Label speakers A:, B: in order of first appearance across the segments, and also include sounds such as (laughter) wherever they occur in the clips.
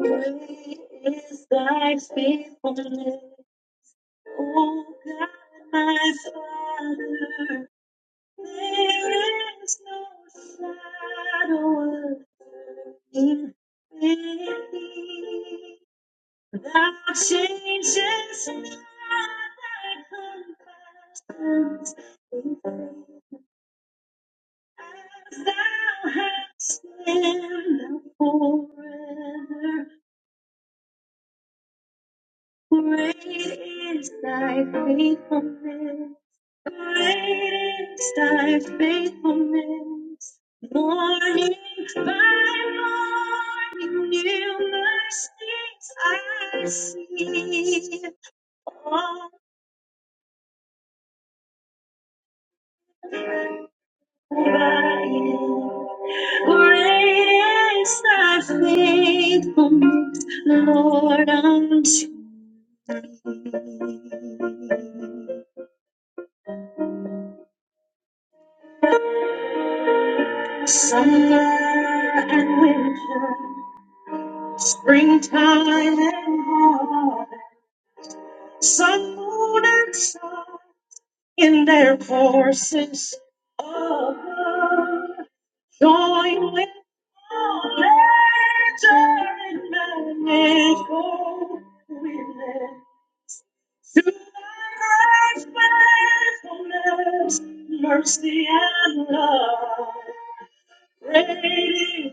A: Great is thy faithfulness, O God, my Father. There is no shadow of turning with thee. Thou changes not thy compassions. in faith. As thou hast been thou forever. Great is thy faithfulness. Great is thy faithfulness. Morning by morning, new mercies I see. All Brian. Great is thy faithfulness, Lord, unto me. Summer and winter, springtime and harvest, sun, moon, and stars in their courses of love, join with all nature in manifold women to thy great faithfulness, mercy, and love. Great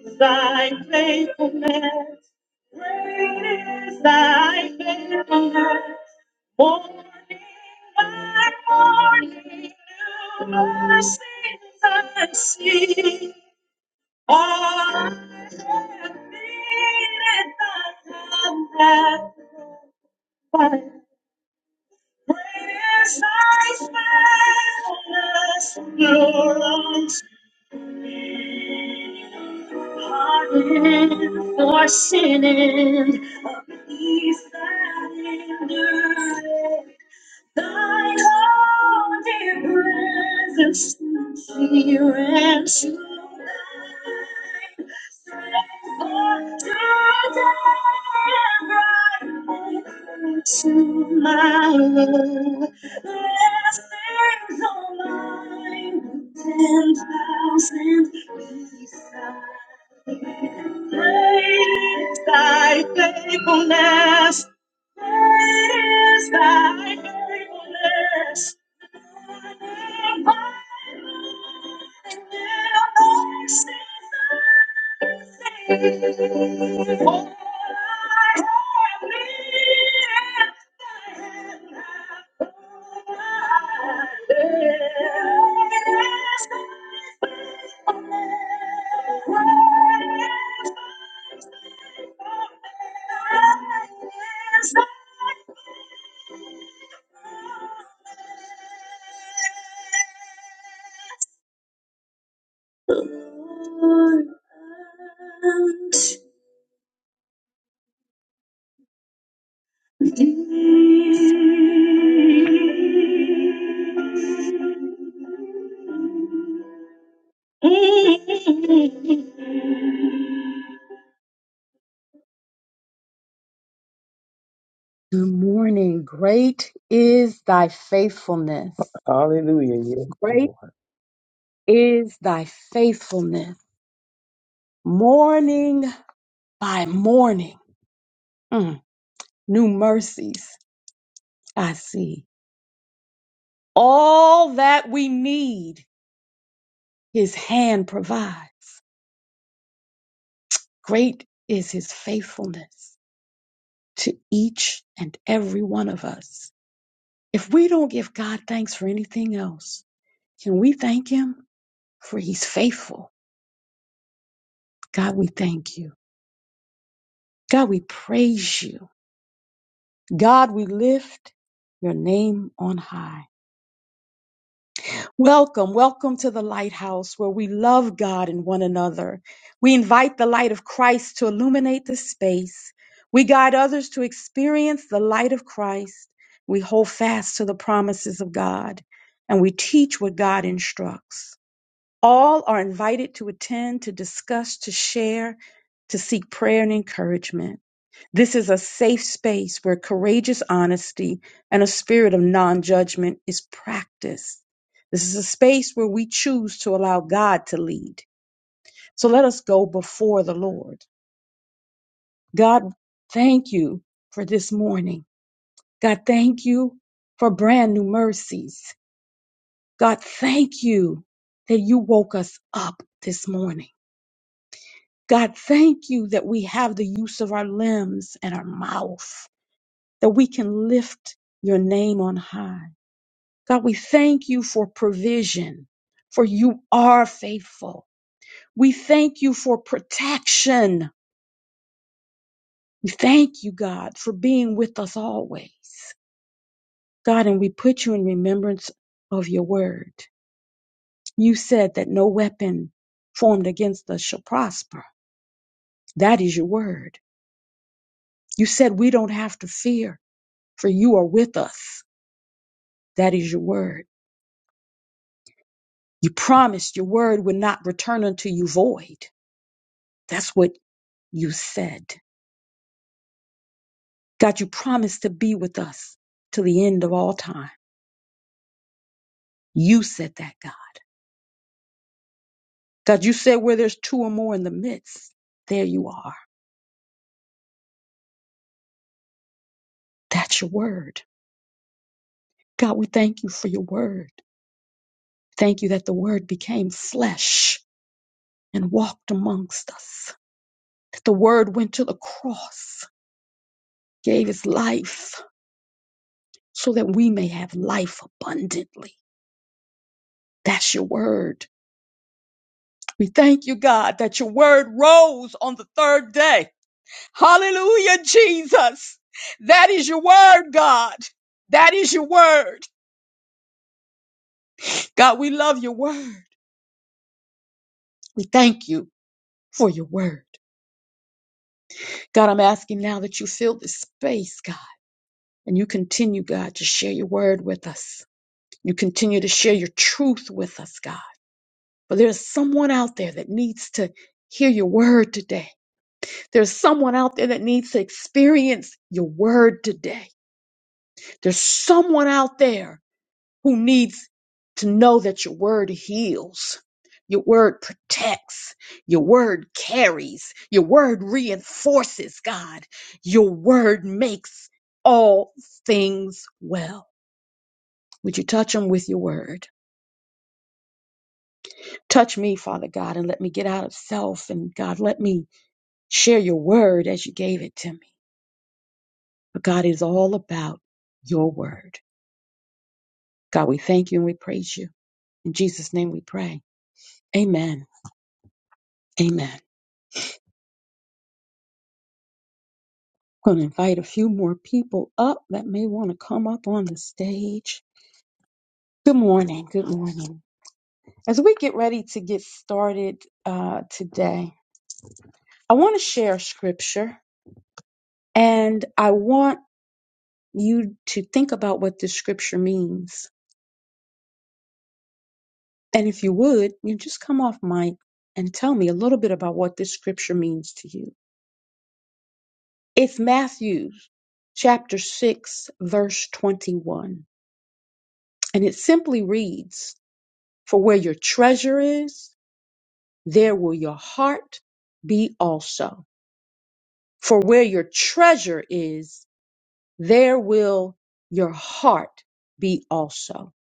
A: is thy faithfulness. Great is thy faithfulness. Morning by morning, new mercies I see. I have been at thy hand. Great is thy faithfulness. Your arms Pardon for sinning, a peace that endures. Thine own dear presence to fear and to thine. Strength for deliverance To my tomorrow, blessings on mine, ten thousand beside. Great is thy faithfulness. Great is thy faithfulness. And my little voice is all I have needed, thy hand hath provided. Great is thy Thank you. Good morning. Great is thy faithfulness.
B: Hallelujah. Yes,
A: Great
B: Lord.
A: is thy faithfulness. Morning by morning, mm, new mercies I see. All that we need, his hand provides. Great is his faithfulness to each and every one of us. If we don't give God thanks for anything else, can we thank him? For he's faithful. God, we thank you. God, we praise you. God, we lift your name on high. Welcome, welcome to the lighthouse where we love God and one another. We invite the light of Christ to illuminate the space. We guide others to experience the light of Christ. We hold fast to the promises of God and we teach what God instructs. All are invited to attend, to discuss, to share, to seek prayer and encouragement. This is a safe space where courageous honesty and a spirit of non judgment is practiced. This is a space where we choose to allow God to lead. So let us go before the Lord. God, thank you for this morning. God, thank you for brand new mercies. God, thank you that you woke us up this morning. God, thank you that we have the use of our limbs and our mouth. that we can lift your name on high. God, we thank you for provision, for you are faithful. We thank you for protection. We thank you, God, for being with us always. God, and we put you in remembrance of your word. You said that no weapon formed against us shall prosper. That is your word. You said we don't have to fear, for you are with us. That is your word. You promised your word would not return unto you void. That's what you said. God, you promised to be with us till the end of all time. You said that, God. God, you said where there's two or more in the midst, there you are. That's your word. God, we thank you for your word. Thank you that the word became flesh and walked amongst us. That the word went to the cross, gave his life so that we may have life abundantly. That's your word. We thank you, God, that your word rose on the third day Hallelujah, Jesus. That is your word, God. That is your word. God, we love your word. We thank you for your word. God, I'm asking now that you fill this space, God, and you continue, God, to share your word with us. You continue to share your truth with us, God. But there's someone out there that needs to hear your word today. There's someone out there that needs to experience your word today. There's someone out there who needs to know that your word heals, your word protects, your word carries, your word reinforces, God, your word makes all things well. Would you touch them with your word? Touch me, Father God, and let me get out of self. And God, let me share your word as you gave it to me. But God, it is all about your word. God, we thank you and we praise you. In Jesus' name we pray. Amen. Amen. going to invite a few more people up that may want to come up on the stage. Good morning. Good morning. As we get ready to get started uh, today, I want to share scripture and I want you to think about what this scripture means. And if you would, you just come off mic and tell me a little bit about what this scripture means to you. It's Matthew chapter 6, verse 21. And it simply reads, For where your treasure is, there will your heart be also. For where your treasure is, there will your heart be also.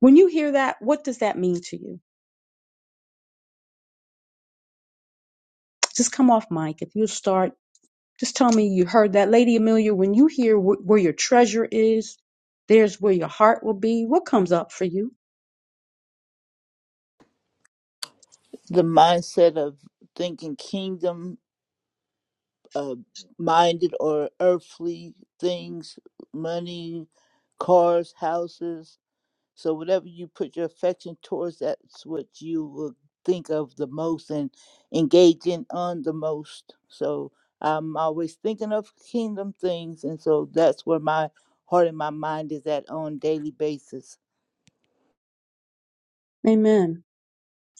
A: When you hear that, what does that mean to you? Just come off mic. If you start, just tell me you heard that. Lady Amelia, when you hear wh- where your treasure is, there's where your heart will be. What comes up for you?
C: the mindset of thinking kingdom uh, minded or earthly things, money, cars, houses. So whatever you put your affection towards, that's what you will think of the most and engage in on the most. So I'm always thinking of kingdom things, and so that's where my heart and my mind is at on daily basis.
A: Amen.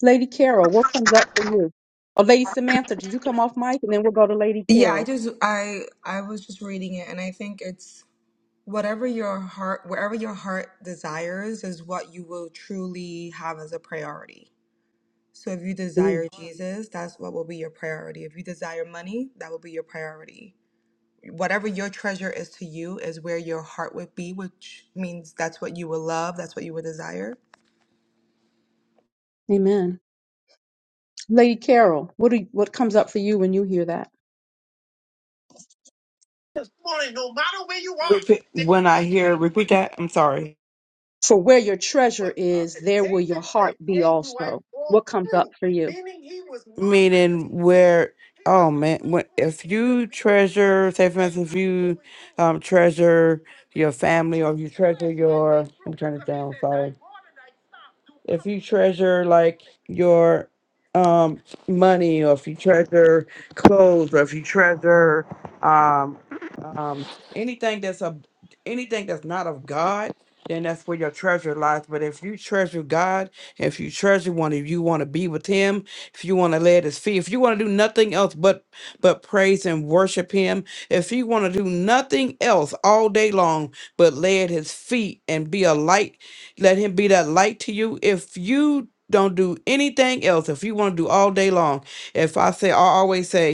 A: Lady Carol, what comes up for you? Or Lady Samantha, did you come off mic? And then we'll go to Lady
D: Yeah, I
A: Carol.
D: just I I was just reading it and I think it's whatever your heart wherever your heart desires is what you will truly have as a priority. So if you
A: Mm,
D: desire Mm. Jesus, that's what will be your priority. If you desire money, that will be your priority. Whatever your treasure is to you is where your heart would be, which means that's what you will love, that's what you will desire.
A: Amen. Lady Carol, what do you, what comes up for you when you hear that?
E: Repeat, when I hear, repeat that. I'm sorry.
A: For where your treasure
E: Uh,
A: is, there will your heart be also. What comes up for you?
E: Meaning where, oh man, when, if you treasure, say for instance, if you um, treasure your family or if you treasure your, let me turn it down, sorry. if you treasure like your um money or if you treasure clothes or if you treasure um um anything that's a anything that's not of god then that's where your treasure lies but if you treasure god if you treasure one if you want to be with him if you want to lay at his feet if you want to do nothing else but but praise and worship him if you want to do nothing else all day long but lay at his feet and be a light let him be that light to you. If you don't do anything else, if you want to do all day long, if I say, I always say,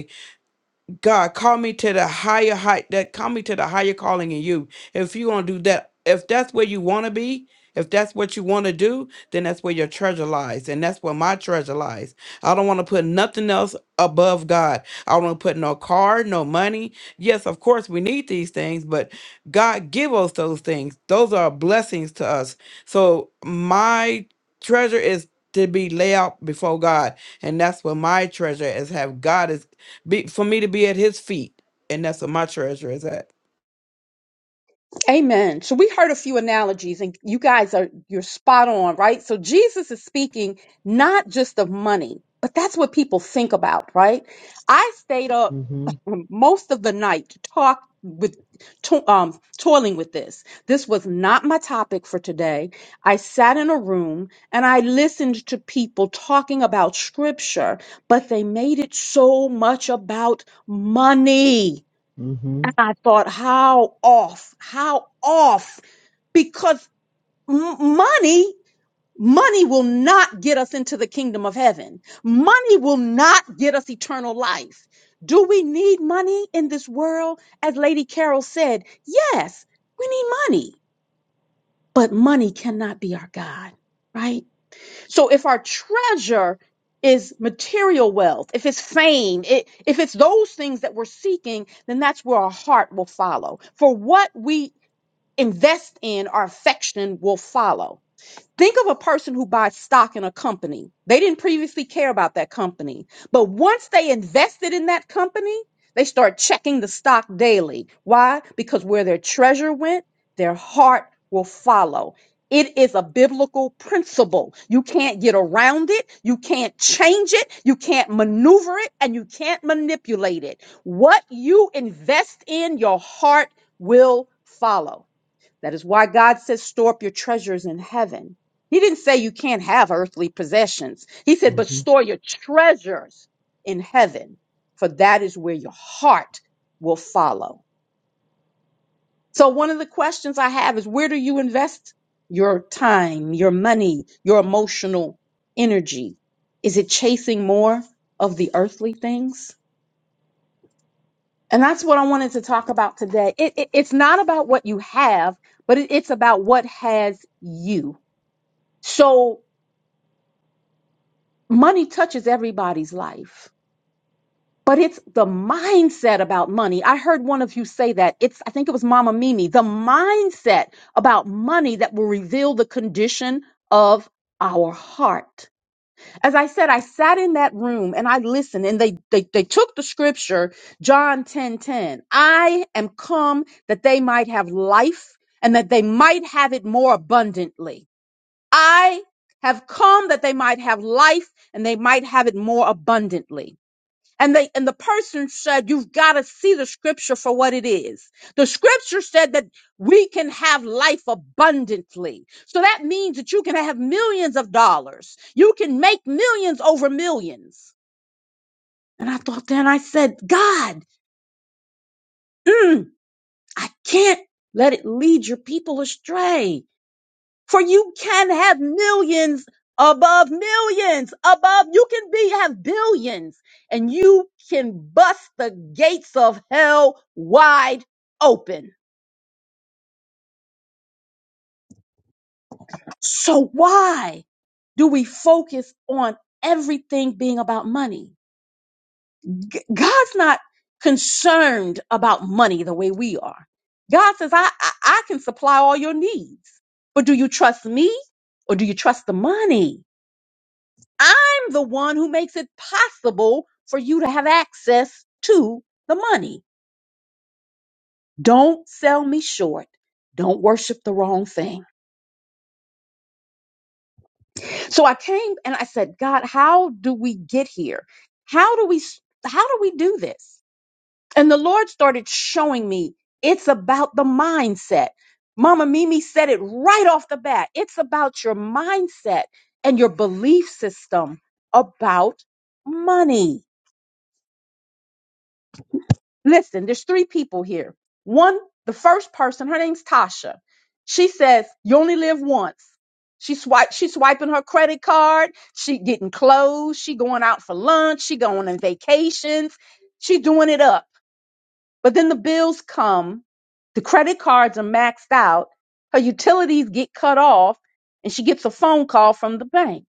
E: God, call me to the higher height that call me to the higher calling in you. If you want to do that, if that's where you want to be, if that's what you want to do, then that's where your treasure lies. And that's where my treasure lies. I don't want to put nothing else above God. I don't want to put no car, no money. Yes, of course, we need these things, but God give us those things. Those are blessings to us. So my treasure is to be laid out before God. And that's where my treasure is have God is be for me to be at his feet and that's what my treasure is at
A: Amen. So we heard a few analogies and you guys are you're spot on, right? So Jesus is speaking not just of money, but that's what people think about, right? I stayed up
F: Mm-hmm.
A: (laughs) most of the night to talk with to, um toiling with this. This was not my topic for today. I sat in a room and I listened to people talking about scripture, but they made it so much about money.
F: Mm-hmm.
A: And I thought, how off, how off, because m- money, money will not get us into the kingdom of heaven. Money will not get us eternal life. Do we need money in this world? As Lady Carol said, yes, we need money, but money cannot be our God, right? So if our treasure is material wealth, if it's fame, it, if it's those things that we're seeking, then that's where our heart will follow. For what we invest in, our affection will follow. Think of a person who buys stock in a company. They didn't previously care about that company, but once they invested in that company, they start checking the stock daily. Why? Because where their treasure went, their heart will follow. It is a biblical principle. You can't get around it. You can't change it. You can't maneuver it and you can't manipulate it. What you invest in, your heart will follow. That is why God says, store up your treasures in heaven. He didn't say you can't have earthly possessions. He said, but
F: Mm-hmm.
A: store your treasures in heaven, for that is where your heart will follow. So, one of the questions I have is where do you invest your time, your money, your emotional energy? Is it chasing more of the earthly things? And that's what I wanted to talk about today. It, it- it's not about what you have, but it- it's about what has you. So money touches everybody's life, but it's the mindset about money. I heard one of you say that. It's, I think it was Mama Mimi, the mindset about money that will reveal the condition of our heart. As I said, I sat in that room and I listened and they, they, they took the scripture, John 10 10. I am come that they might have life and that they might have it more abundantly. I have come that they might have life and they might have it more abundantly. And they, and the person said, you've got to see the scripture for what it is. The scripture said that we can have life abundantly. So that means that you can have millions of dollars. You can make millions over millions. And I thought then I said, God, mm, I can't let it lead your people astray. For you can have millions above millions above. You can be have billions and you can bust the gates of hell wide open. So why do we focus on everything being about money? G- God's not concerned about money the way we are. God says, I, I, I can supply all your needs, but do you trust me or do you trust the money? I'm the one who makes it possible for you to have access to the money. Don't sell me short. Don't worship the wrong thing. So I came and I said, God, how do we get here? How do we how do we do this? And the Lord started showing me it's about the mindset. Mama Mimi said it right off the bat. It's about your mindset and your belief system about money Listen, there's three people here. One, the first person, her name's Tasha. She says, "You only live once." She swipe, she's swiping her credit card. She getting clothes. She going out for lunch. She going on vacations. She doing it up. But then the bills come. The credit cards are maxed out. Her utilities get cut off, and she gets a phone call from the bank.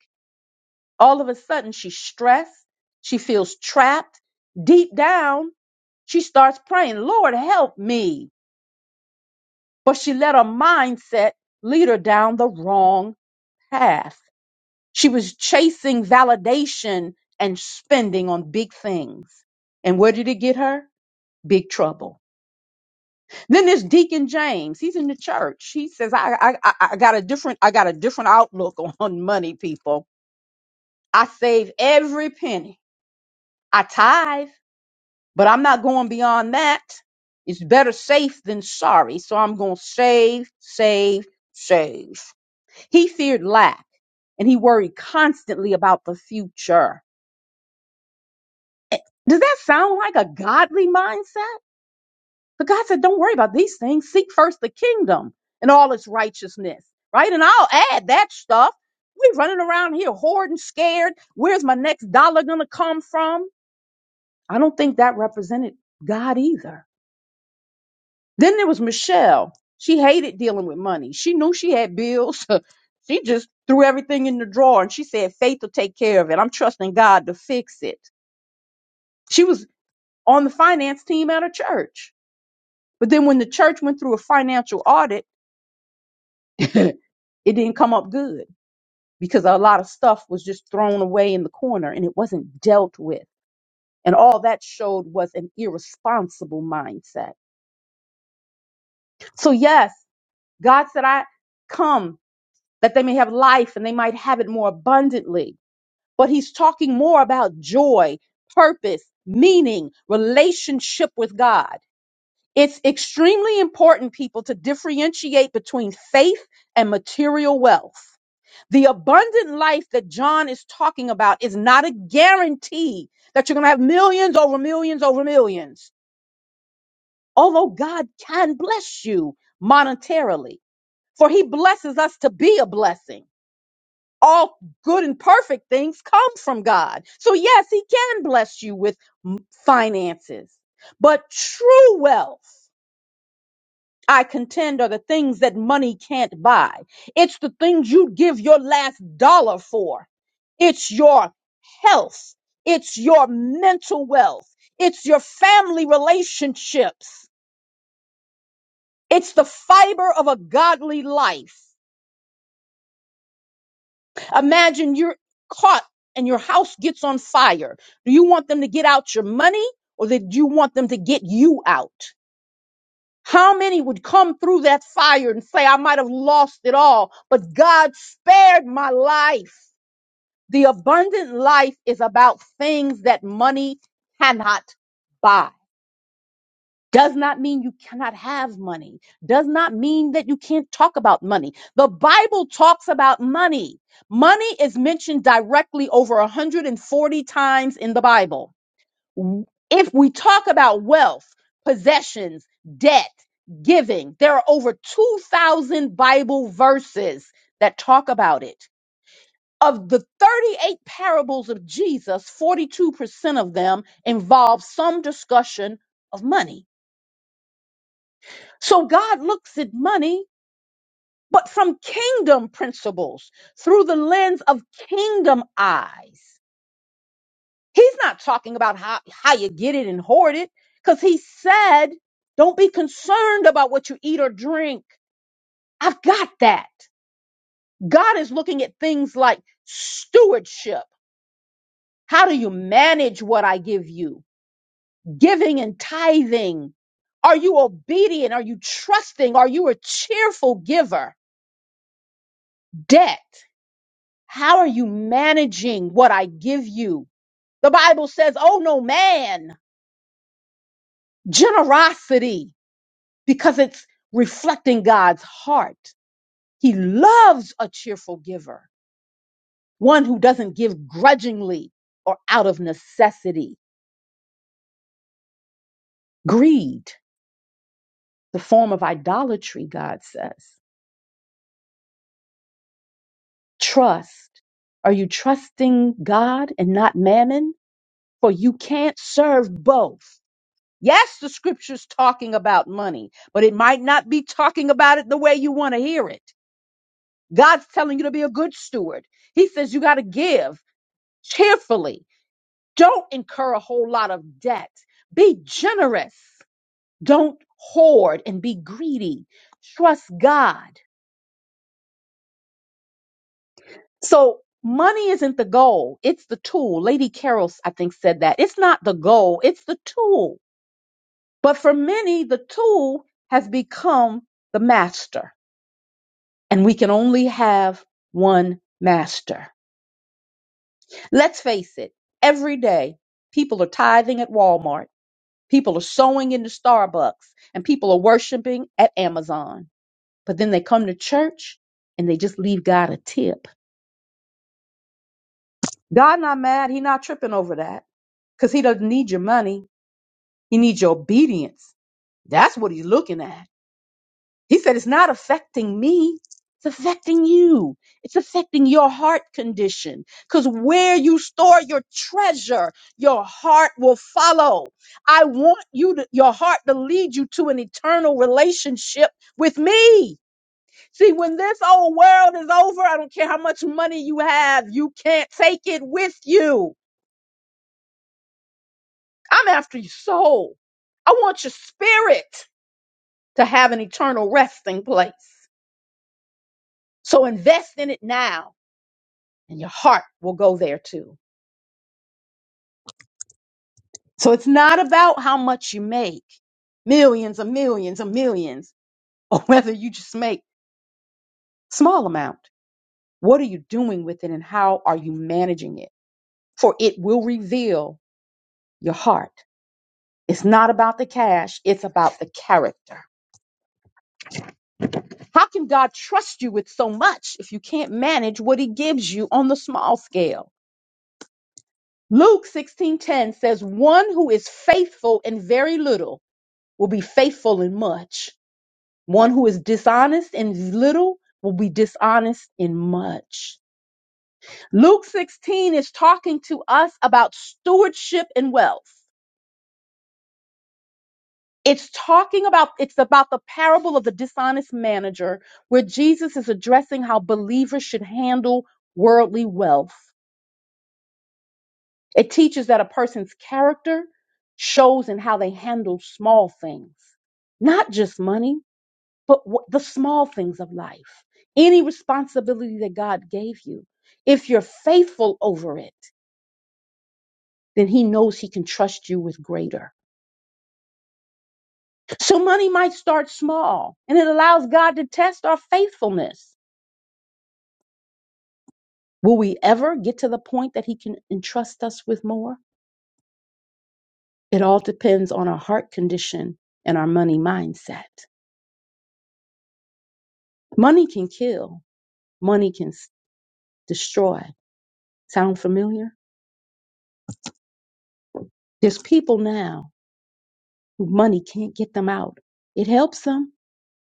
A: All of a sudden, she's stressed. She feels trapped. Deep down, she starts praying, Lord, help me. But she let her mindset lead her down the wrong path. She was chasing validation and spending on big things. And where did it get her? Big trouble. Then there's Deacon James. He's in the church. He says, I, I, I I got a different, I got a different outlook (laughs) on money, people. I save every penny. I tithe. but I'm not going beyond that. It's better safe than sorry. So I'm going to save, save, save. He feared lack and he worried constantly about the future. Eh, Does that sound like a godly mindset? But God said, don't worry about these things. Seek first the kingdom and all its righteousness, right? And I'll add that stuff. We're running around here hoarding, scared. Where's my next dollar going to come from? I don't think that represented God either. Then there was Michelle. She hated dealing with money. She knew she had bills. (laughs) she just threw everything in the drawer and she said, Faith will take care of it. I'm trusting God to fix it. She was on the finance team at her church. But then when the church went through a financial audit, (laughs) it didn't come up good because a lot of stuff was just thrown away in the corner and it wasn't dealt with. And all that showed was an irresponsible mindset. So, yes, God said, I come. that they may have life and they might have it more abundantly. But he's talking more about joy, purpose, meaning, relationship with God. It's extremely important, people, to differentiate between faith and material wealth. The abundant life that John is talking about is not a guarantee that you're going to have millions over millions over millions, although God can bless you monetarily, for he blesses us to be a blessing. all good and perfect things come from God. So, yes, He can bless you with finances, but true wealth. I contend are the things that money can't buy. It's the things you'd give your last dollar for. It's your health. It's your mental wealth. It's your family relationships. It's the fiber of a godly life. Imagine you're caught and your house gets on fire. Do you want them to get out your money or did you want them to get you out? How many would come through that fire and say, I might have lost it all, but God spared my life? The abundant life is about things that money cannot buy does not mean you cannot have money, does not mean that you can't talk about money. The Bible talks about money. Money is mentioned directly over 140 times in the Bible. If we talk about wealth, possessions, debt, giving, there are over 2,000 Bible verses that talk about it. Of the 38 parables of Jesus, 42% of them involve some discussion of money. So God looks at money, but from kingdom principles through the lens of kingdom eyes. He's not talking about how, how you get it and hoard it because he said, don't be concerned about what you eat or drink. I've got that. God is looking at things like stewardship. How do you manage what I give you? Giving and tithing. Are you obedient? Are you trusting? Are you a cheerful giver? Debt. How are you managing what I give you? The Bible says, oh no man, generosity, because it's reflecting God's heart. He loves a cheerful giver, one who doesn't give grudgingly or out of necessity. Greed, the form of idolatry, God says. Trust. Are you trusting God and not mammon? For you can't serve both. Yes, the scripture's talking about money, but it might not be talking about it the way you want to hear it. God's telling you to be a good steward. He says you got to give cheerfully. Don't incur a whole lot of debt. Be generous. Don't hoard and be greedy. Trust God. So, money isn't the goal, it's the tool. Lady Carol, I think, said that. It's not the goal, it's the tool. But for many, the tool has become the master and we can only have one master. Let's face it, every day people are tithing at Walmart, people are sewing into Starbucks, and people are worshiping at Amazon. But then they come to church and they just leave God a tip. God not mad, he not tripping over that cuz he doesn't need your money. He needs your obedience. That's what he's looking at. He said, It's not affecting me. It's affecting you. It's affecting your heart condition. Because where you store your treasure, your heart will follow. I want you to, your heart to lead you to an eternal relationship with me. See, when this old world is over, I don't care how much money you have, you can't take it with you. I'm after your soul. I want your spirit to have an eternal resting place. So invest in it now and your heart will go there too. So it's not about how much you make, millions and millions and millions, (laughs) or whether you just make small amount. What are you doing with it and how are you managing it? For it will reveal your heart. It's not about the cash, it's about the character. How can God trust you with so much if you can't manage what he gives you on the small scale? Luke 16:10 says, "One who is faithful in very little will be faithful in much." One who is dishonest in little will be dishonest in much. Luke 16 is talking to us about stewardship and wealth. It's talking about it's about the parable of the dishonest manager where Jesus is addressing how believers should handle worldly wealth. It teaches that a person's character shows in how they handle small things, not just money. but wh- the small things of life, any responsibility that God gave you, if you're faithful over it, then he knows he can trust you with greater. So money might start small and it allows God to test our faithfulness. Will we ever get to the point that he can entrust us with more? It all depends on our heart condition and our money mindset. Money can kill. Money can s- destroy. Sound familiar? There's people now Money can't get them out. It helps them,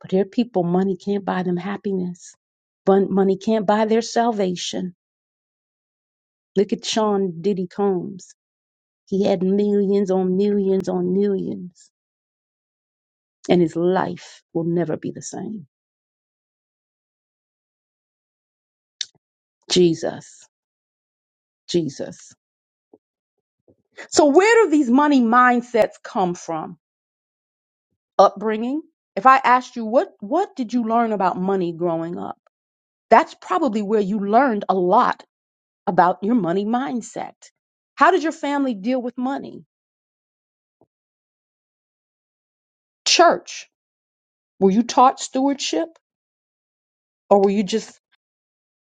A: but there are people money can't buy them happiness. But money can't buy their salvation. Look at Sean Diddy Combs. He had millions on millions on millions, and his life will never be the same. Jesus, Jesus. So where do these money mindsets come from? Upbringing. If I asked you what what did you learn about money growing up? That's probably where you learned a lot about your money mindset. How did your family deal with money? Church, were you taught stewardship or were you just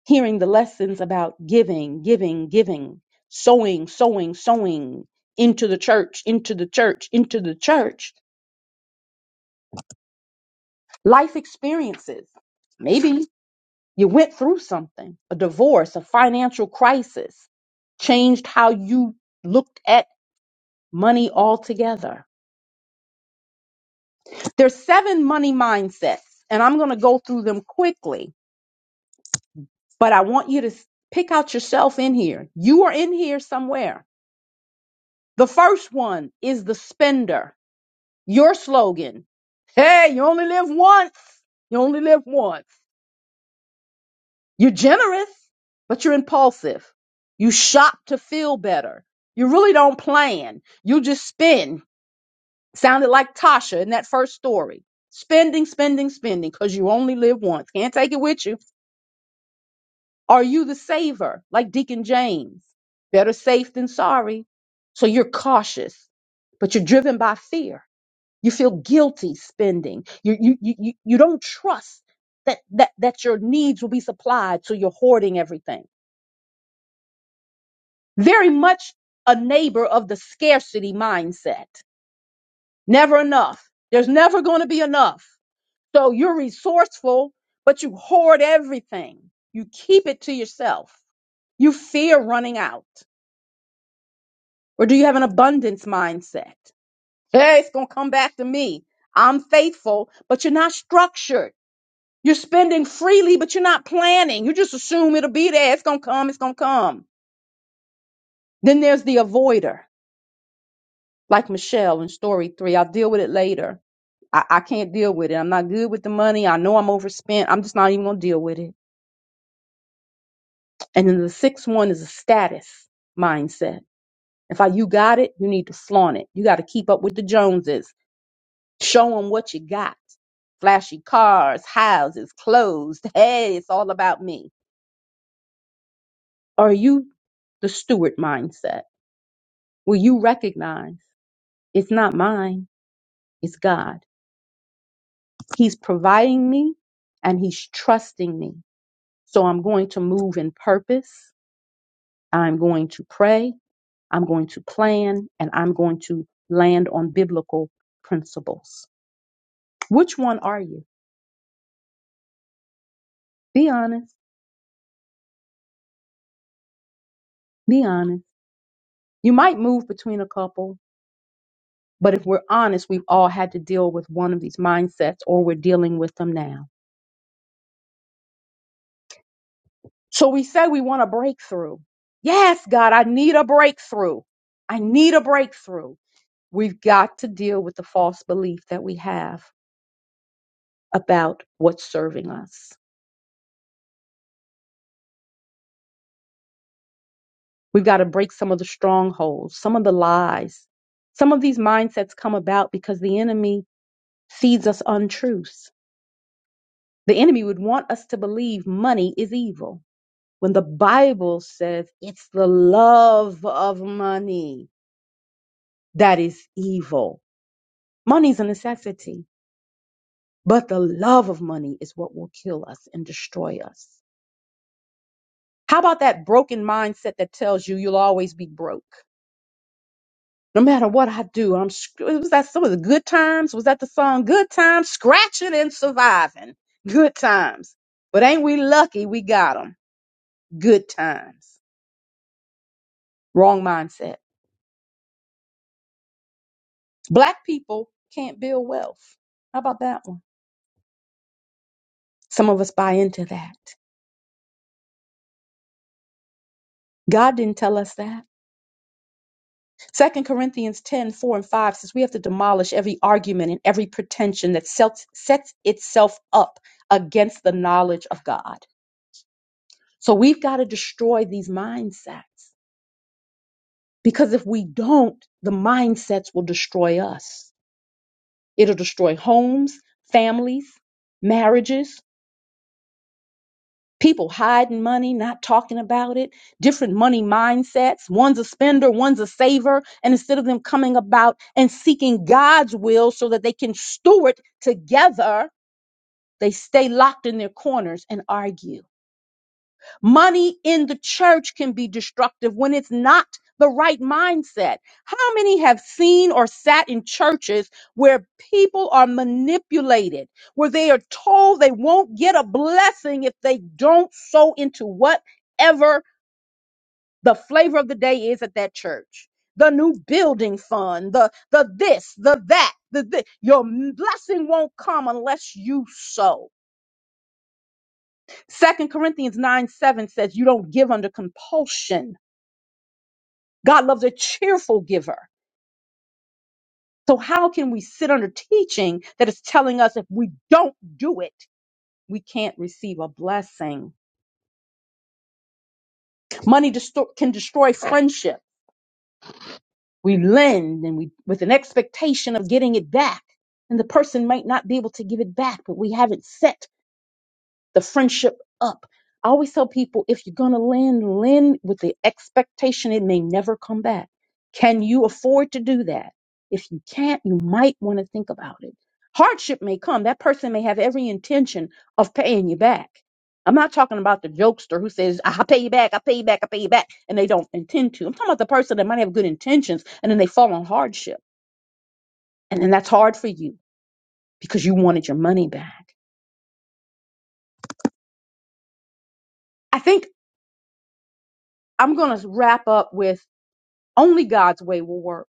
A: hearing the lessons about giving, giving, giving, sowing, sowing, sowing into the church, into the church, into the church? Life experiences. Maybe you went through something, a divorce, a financial crisis, changed how you looked at money altogether There's seven money mindsets, and I'm going to go through them quickly, but I want you to s- pick out yourself in here. You are in here somewhere. The first one is the spender. Your slogan. Hey, you only live once. You only live once. You're generous, but you're impulsive. You shop to feel better. You really don't plan. You just spend. Sounded like Tasha in that first story. Spending, spending, spending, because you only live once. Can't take it with you. Are you the saver, like Deacon James? Better safe than sorry. So you're cautious, but you're driven by fear. You feel guilty spending. You you you you you don't trust that that that your needs will be supplied, so you're hoarding everything. Very much a neighbor of the scarcity mindset. Never enough. There's never going to be enough. So you're resourceful, but you hoard everything. You keep it to yourself. You fear running out. Or do you have an abundance mindset? Hey, it's going to come back to me. I'm faithful, but you're not structured. You're spending freely, but you're not planning. You just assume it'll be there. It's going to come. It's going to come. Then there's the avoider, like Michelle in story three. I'll deal with it later. I, I can't deal with it. I'm not good with the money. I know I'm overspent. I'm just not even going to deal with it. And then the sixth one is a status mindset. If I, you got it, you need to flaunt it. You got to keep up with the Joneses. Show them what you got. Flashy cars, houses, clothes. Hey, it's all about me. Are you the steward mindset? Will you recognize it's not mine, it's God. He's providing me and he's trusting me. So I'm going to move in purpose. I'm going to pray. I'm going to plan and I'm going to land on biblical principles. Which one are you? Be honest. Be honest. You might move between a couple But if we're honest, we've all had to deal with one of these mindsets or we're dealing with them now. So we say we want a breakthrough. Yes, God, I need a breakthrough. I need a breakthrough. We've got to deal with the false belief that we have about what's serving us. We've got to break some of the strongholds, some of the lies. Some of these mindsets come about because the enemy feeds us untruths. The enemy would want us to believe money is evil. when the Bible says it's the love of money that is evil. Money is a necessity, but the love of money is what will kill us and destroy us. How about that broken mindset that tells you you'll always be broke? No matter what I do, I'm sc- was that some of the good times? Was that the song Good Times? Scratching and surviving. Good times. But ain't we lucky we got 'em? Good times. Wrong mindset Black people can't build wealth. How about that one? Some of us buy into that. God didn't tell us that. Second Corinthians 10 4 and 5 says we have to demolish every argument and every pretension that sets, sets itself up against the knowledge of God. So we've got to destroy these mindsets because if we don't, the mindsets will destroy us. It'll destroy homes, families, marriages, people hiding money, not talking about it, different money mindsets. One's a spender, one's a saver. And instead of them coming about and seeking God's will so that they can steward together, they stay locked in their corners and argue. Money in the church can be destructive when it's not the right mindset. How many have seen or sat in churches where people are manipulated, where they are told they won't get a blessing if they don't sow into whatever the flavor of the day is at that church? The new building fund, the the this, the that, the this. Your blessing won't come unless you sow. Second Corinthians 9 7 says you don't give under compulsion God loves a cheerful giver. So how can we sit under teaching that is telling us if we don't do it, we can't receive a blessing? Money desto- can destroy friendship. We lend and we with an expectation of getting it back. And the person might not be able to give it back, but we haven't set the friendship up. I always tell people if you're going to land, land with the expectation it may never come back. Can you afford to do that? If you can't, you might want to think about it. Hardship may come. That person may have every intention of paying you back. I'm not talking about the jokester who says, I'll pay you back, I'll pay you back, I'll pay you back, and they don't intend to. I'm talking about the person that might have good intentions and then they fall on hardship. And then that's hard for you because you wanted your money back. I think I'm going to wrap up with Only God's way will work.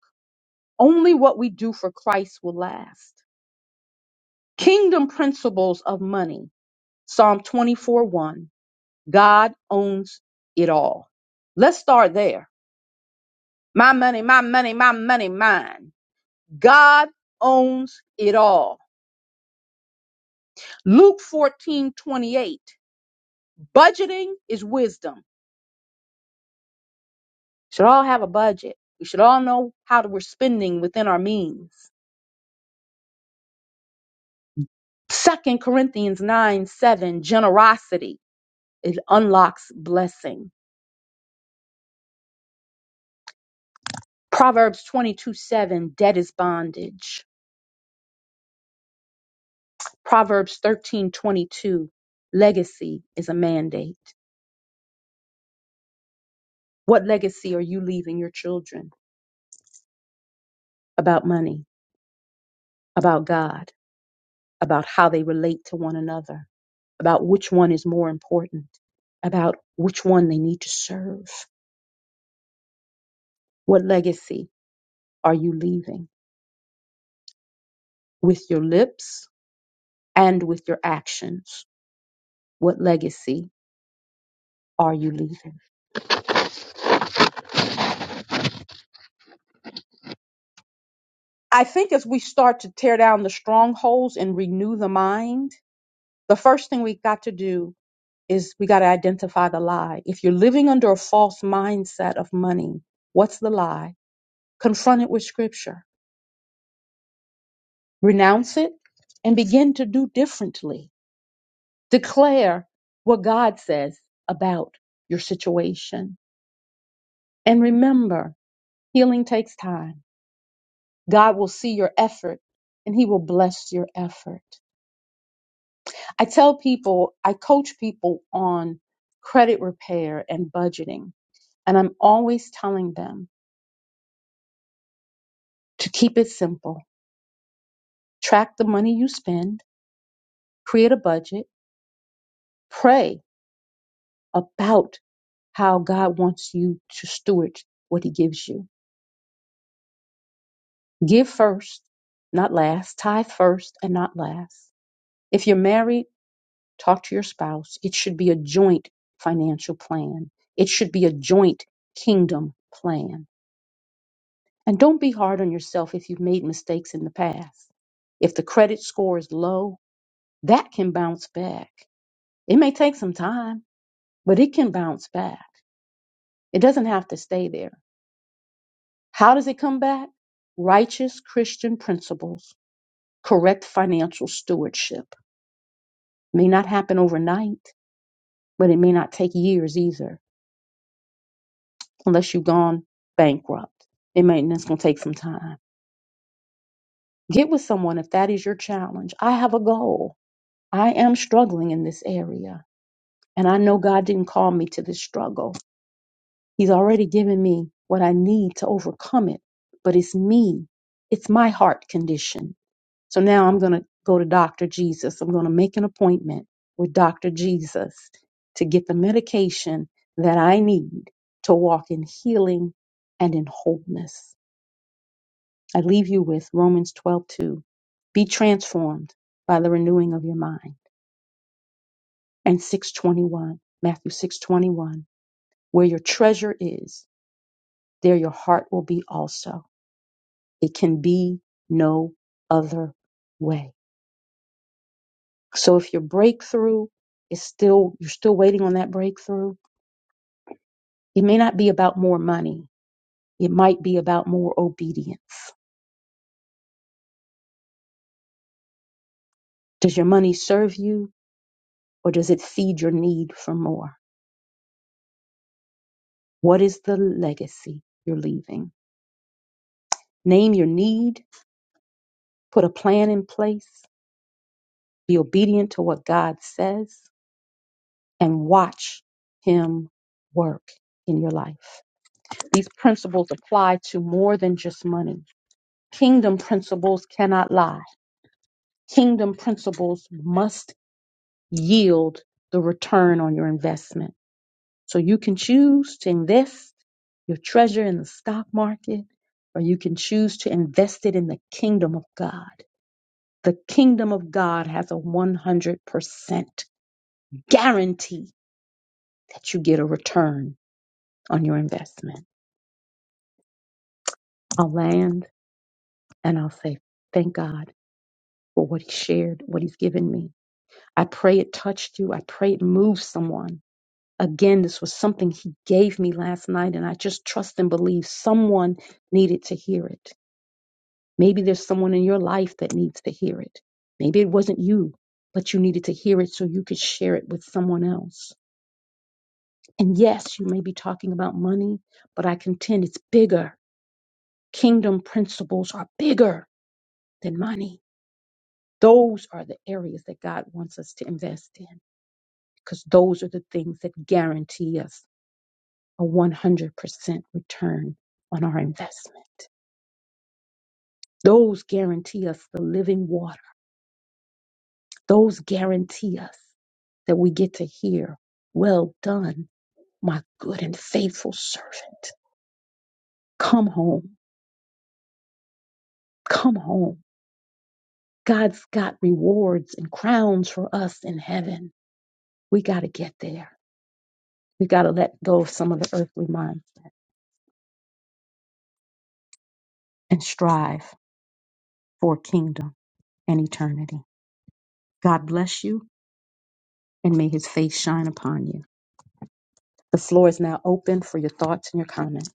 A: Only what we do for Christ will last. Kingdom principles of money. Psalm 24 1. God owns it all. Let's start there. My money, my money, my money, mine. God owns it all. Luke 14 28. Budgeting is wisdom. We should all have a budget. We should all know how to- we're spending within our means. Second Corinthians 9 7. Generosity. It unlocks blessing. Proverbs 22 7, debt is bondage. Proverbs thirteen twenty two, legacy is a mandate. What legacy are you leaving your children about money, about God, about how they relate to one another, about which one is more important, about which one they need to serve? What legacy are you leaving with your lips and with your actions? What legacy are you leaving? I think as we start to tear down the strongholds and renew the mind, the first thing we got to do is we got to identify the lie. If you're living under a false mindset of money, what's the lie? Confront it with scripture, renounce it, and begin to do differently. Declare what God says about your situation. And remember, healing takes time. God will see your effort and he will bless your effort. I tell people, I coach people on credit repair and budgeting. And I'm always telling them to keep it simple. Track the money you spend, create a budget, pray about how God wants you to steward what he gives you. Give first, not last. Tithe first and not last. If you're married, talk to your spouse. It should be a joint financial plan. It should be a joint kingdom plan And don't be hard on yourself if you've made mistakes in the past. If the credit score is low, that can bounce back. It may take some time, but it can bounce back. It doesn't have to stay there. How does it come back? Righteous Christian principles, correct financial stewardship. May not happen overnight, but it may not take years either, unless you've gone bankrupt. It may, and it's going to take some time. Get with someone if that is your challenge. I have a goal. I am struggling in this area. And I know God didn't call me to this struggle. He's already given me what I need to overcome it. But it's me, it's my heart condition. So now I'm going to go to Dr. Jesus. I'm going to make an appointment with Dr. Jesus to get the medication that I need to walk in healing and in wholeness. I leave you with Romans 12:2. Be transformed by the renewing of your mind. and 621 matthew 621 where your treasure is there your heart will be also it can be no other way so if your breakthrough is still you're still waiting on that breakthrough it may not be about more money it might be about more obedience does your money serve you or does it feed your need for more what is the legacy you're leaving name your need put a plan in place be obedient to what god says and watch him work in your life. These principles apply to more than just money. Kingdom principles cannot lie. Kingdom principles must yield the return on your investment. So you can choose to invest your treasure in the stock market, or you can choose to invest it in the kingdom of God. The kingdom of God has a 100% guarantee that you get a return on your investment. I'll land and I'll say, thank God for what he shared, what he's given me. I pray it touched you. I pray it moved someone. Again, this was something he gave me last night, and I just trust and believe someone needed to hear it. Maybe there's someone in your life that needs to hear it. Maybe it wasn't you, but you needed to hear it so you could share it with someone else. And yes, you may be talking about money, but I contend it's bigger. Kingdom principles are bigger than money Those are the areas that God wants us to invest in because those are the things that guarantee us a 100% return on our investment. Those guarantee us the living water. Those guarantee us that we get to hear, Well done, my good and faithful servant. Come home. Come home. God's got rewards and crowns for us in heaven. We got to get there. We got to let go of some of the earthly mind and strive. for kingdom and eternity. God bless you and may his face shine upon you. The floor is now open for your thoughts and your comments.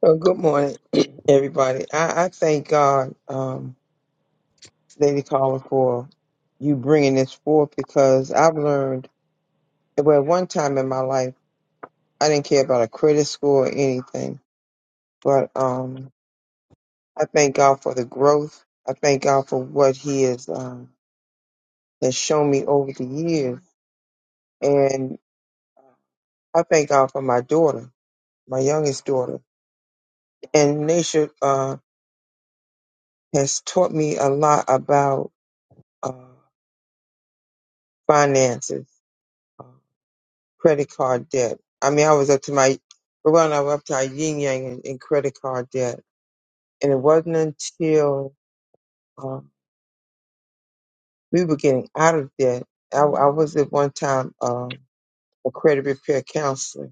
B: Well, good morning, (clears throat) everybody. I, I thank God, um, Lady Caller, for you bringing this forth because I've learned, well, one time in my life, I didn't care about a credit score or anything, but um, I thank God for the growth. I thank God for what He has, um, has shown me over the years. And I thank God for my daughter, my youngest daughter. And Nisha uh, has taught me a lot about. uh, finances, uh, credit card debt. I mean, I was up to my, well, I was up to our yin yang in, in credit card debt. And it wasn't until um, we were getting out of debt. I, I was at one time um, a credit repair counselor.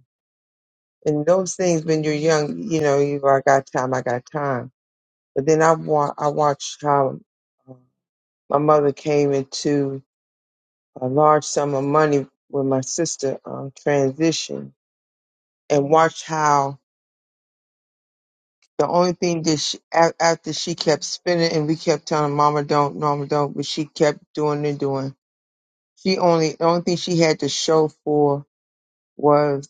B: And those things, when you're young, you know, you go, I got time, I got time. But then I, wa- I watched how uh, my mother came into a large sum of money when my sister um, transitioned and watched how The only thing that she, a- after she kept spinning and we kept telling her, Mama don't, Mama don't, but she kept doing and doing. She only, the only thing she had to show for was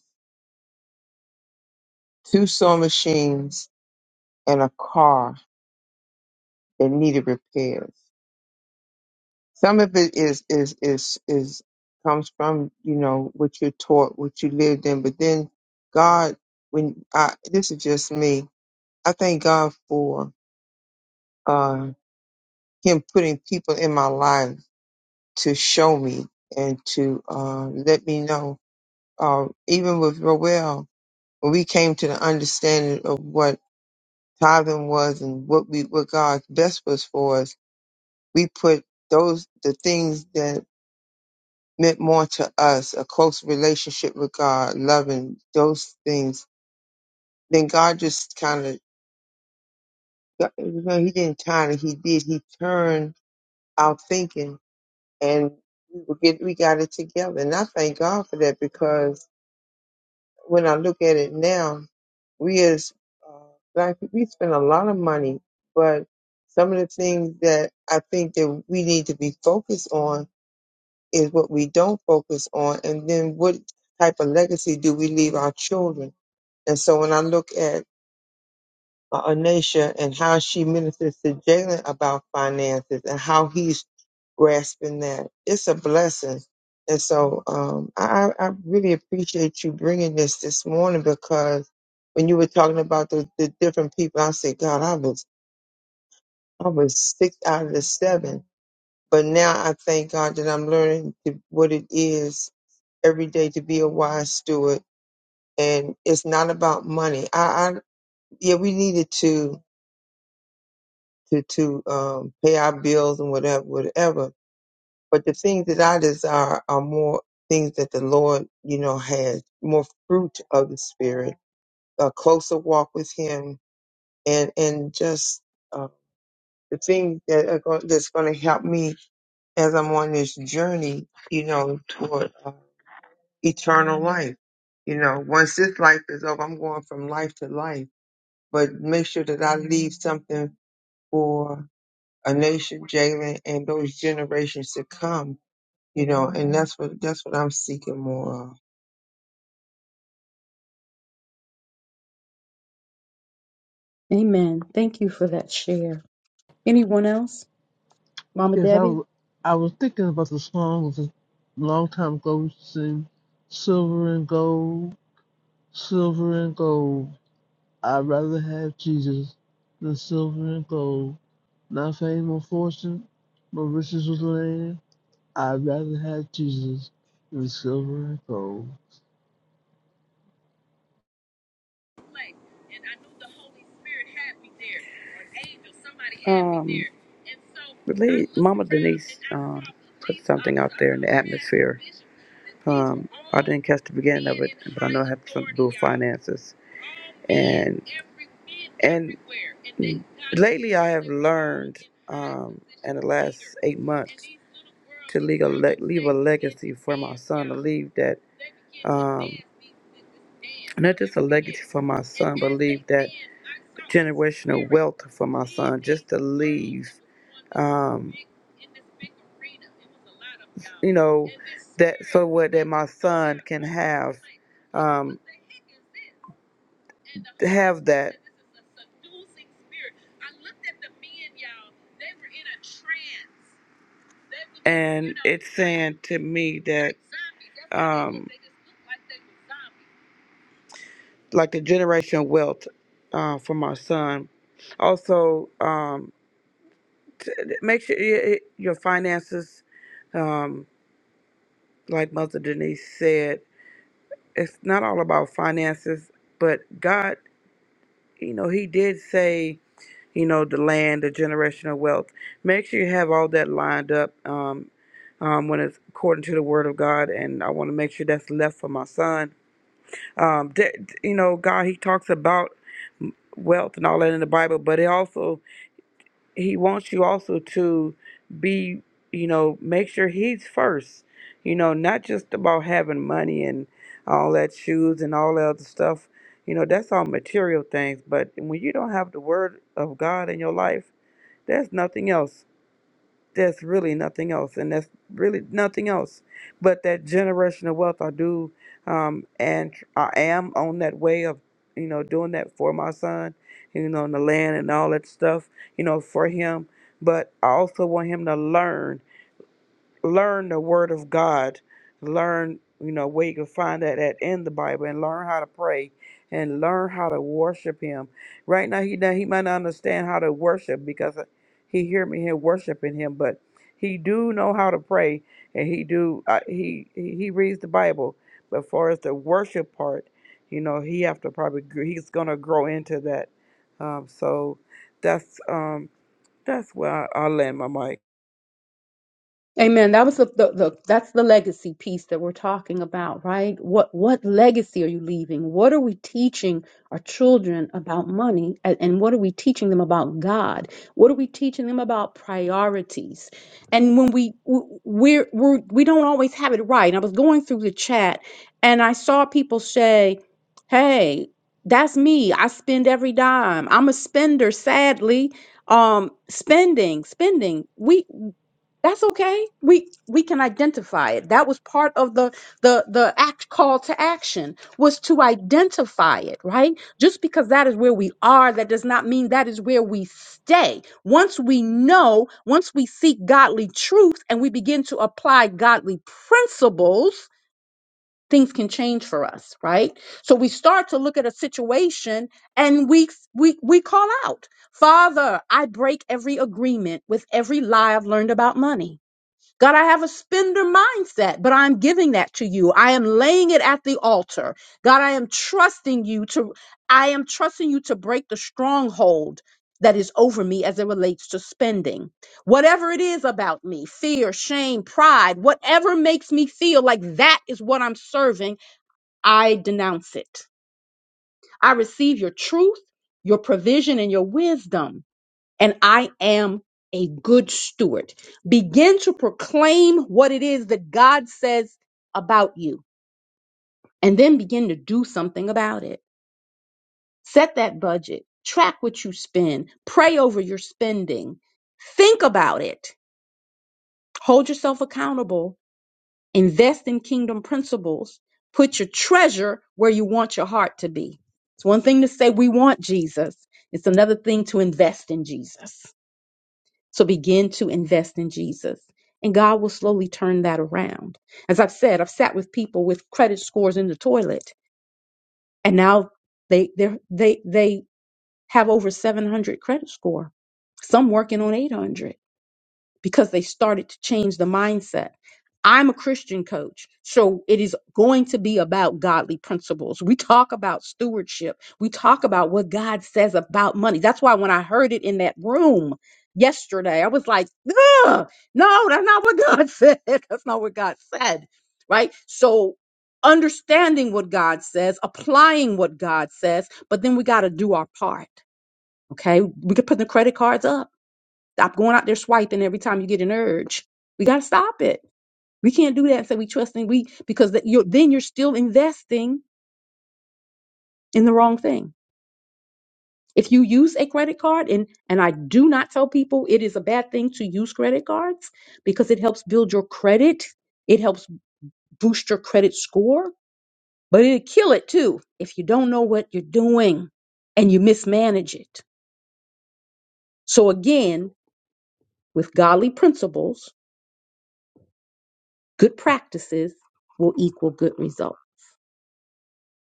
B: two sewing machines and a car that needed repairs. Some of it is, is, is, is, comes from, you know, what you're taught, what you lived in, but then God, when I, this is just me, I thank God for, uh, him putting people in my life to show me and to uh, let me know. Uh, even with Roel, when we came to the understanding of what tithing was and what we what God's best was for us, we put those the things that meant more to us, a close relationship with God, loving those things. Then God just kind of he didn't kind of he did he turned our thinking and we were get we got it together and I thank God for that because when I look at it now, we as uh, black people, we spend a lot of money, but some of the things that I think that we need to be focused on is what we don't focus on, and then what type of legacy do we leave our children? And so when I look at uh, Anasha and how she ministers to Jalen about finances and how he's grasping that. It's a blessing. And so um, I, I I really appreciate you bringing this this morning because when you were talking about the, the different people, I said, God, I was I was six out of the seven, but now I thank God that I'm learning to, what it is every day to be a wise steward. And it's not about money. I, I yeah, we needed to to to um, pay our bills and whatever, whatever. But the things that I desire are more things that the Lord, you know, has more fruit of the Spirit, a closer walk with Him, and and just uh, the things that are going, that's going to help me as I'm on this journey, you know, toward uh, eternal life. You know, once this life is over, I'm going from life to life. But make sure that I leave something for. a nation, Jalen, and those generations to come. You know, and that's what that's what I'm seeking more of.
A: Amen. Thank you for that share. Anyone else? Mama
F: Yes, I,
A: Debbie?
F: w- I was thinking about the song was a long time ago sing Silver and Gold, Silver and Gold. I'd rather have Jesus than silver and gold. Not fame or fortune, but riches with land. I'd rather have Jesus than silver and gold.
G: I Denise, atmospess. the digital catch the finances. eight And months you leave that um, not just a legacy for my son, but leave that generational wealth for my son, just to leave, um, you know, that so what that my son can have, um, have that. And it's saying to me that, um, like the generational wealth uh, for my son. Also, um, t- make sure y- your finances, um, like Mother Denise said, it's not all about finances, but God, you know, He did say, you know, the land, the generational wealth. Make sure you have all that lined up um, um, when it's according to the Word of God. And I want to make sure that's left for my son Um, that you know, God, He talks about wealth and all that in the Bible, but it also He wants you also to be, you know, make sure He's first. You know, not just about having money and all that shoes and all that other stuff. You know, that's all material things. But when you don't have the Word of God in your life, there's nothing else. There's really nothing else, and that's really nothing else. But that generational wealth, I do, um, and tr- I am on that way of, you know, doing that for my son, you know, and the land and all that stuff, you know, for him. But I also want him to learn learn the word of God, learn, you know, where you can find that at in the Bible and learn how to pray and learn how to worship him. Right now he now he might not understand how to worship because he hear me here worshiping him, but he do know how to pray and he do uh, he he he reads the Bible. But far as the worship part, you know, he have to probably gr- he's gonna grow into that. Um, so that's um that's where I, I land my mic.
A: Amen. That was the, the, the that's the legacy piece that we're talking about, right? What what legacy are you leaving? What are we teaching our children about money, and, and what are we teaching them about God? What are we teaching them about priorities? And when we w- we're, we're we don't always have it right. I was going through the chat, and I saw people say, "Hey, that's me. I spend every dime. I'm a spender. Sadly, um spending spending we that's okay. We we can identify it. That was part of the the the act call to action was to identify it, right? Just because that is where we are, that does not mean that is where we stay. Once we know, once we seek godly truth and we begin to apply godly principles, things can change for us, right? So we start to look at a situation and we we we call out, "Father, I break every agreement with every lie I've learned about money." God, I have a spender mindset, but I'm giving that to you. I am laying it at the altar. God, I am trusting you to I am trusting you to break the stronghold that is over me as it relates to spending. Whatever it is about me, fear, shame, pride, whatever makes me feel like that is what I'm serving, I denounce it. I receive your truth, your provision and your wisdom and I am a good steward. Begin to proclaim what it is that God says about you and then begin to do something about it. Set that budget, track what you spend, pray over your spending, think about it, hold yourself accountable, invest in kingdom principles, put your treasure where you want your heart to be. It's one thing to say we want Jesus, it's another thing to invest in Jesus. So begin to invest in Jesus. And God will slowly turn that around. As I've said, I've sat with people with credit scores in the toilet and now they they they they have over 700 credit score. Some working on 800 because they started to change the mindset. I'm a Christian coach, so it is going to be about godly principles. We talk about stewardship, we talk about what God says about money. That's why when I heard it in that room yesterday, I was like, Ugh, no, that's not what God (laughs) said. That's not what God said, right? So understanding what God says, applying what God says, but then we got to do our part. Okay, we could put the credit cards up Stop going out there swiping every time you get an urge. We got to stop it. We can't do that and say we trust and we because that you're, then you're still investing in the wrong thing. If you use a credit card and and I do not tell people it is a bad thing to use credit cards because it helps build your credit, it helps boost your credit score, but it'll kill it too if you don't know what you're doing and you mismanage it. So again, with godly principles, good practices will equal good results.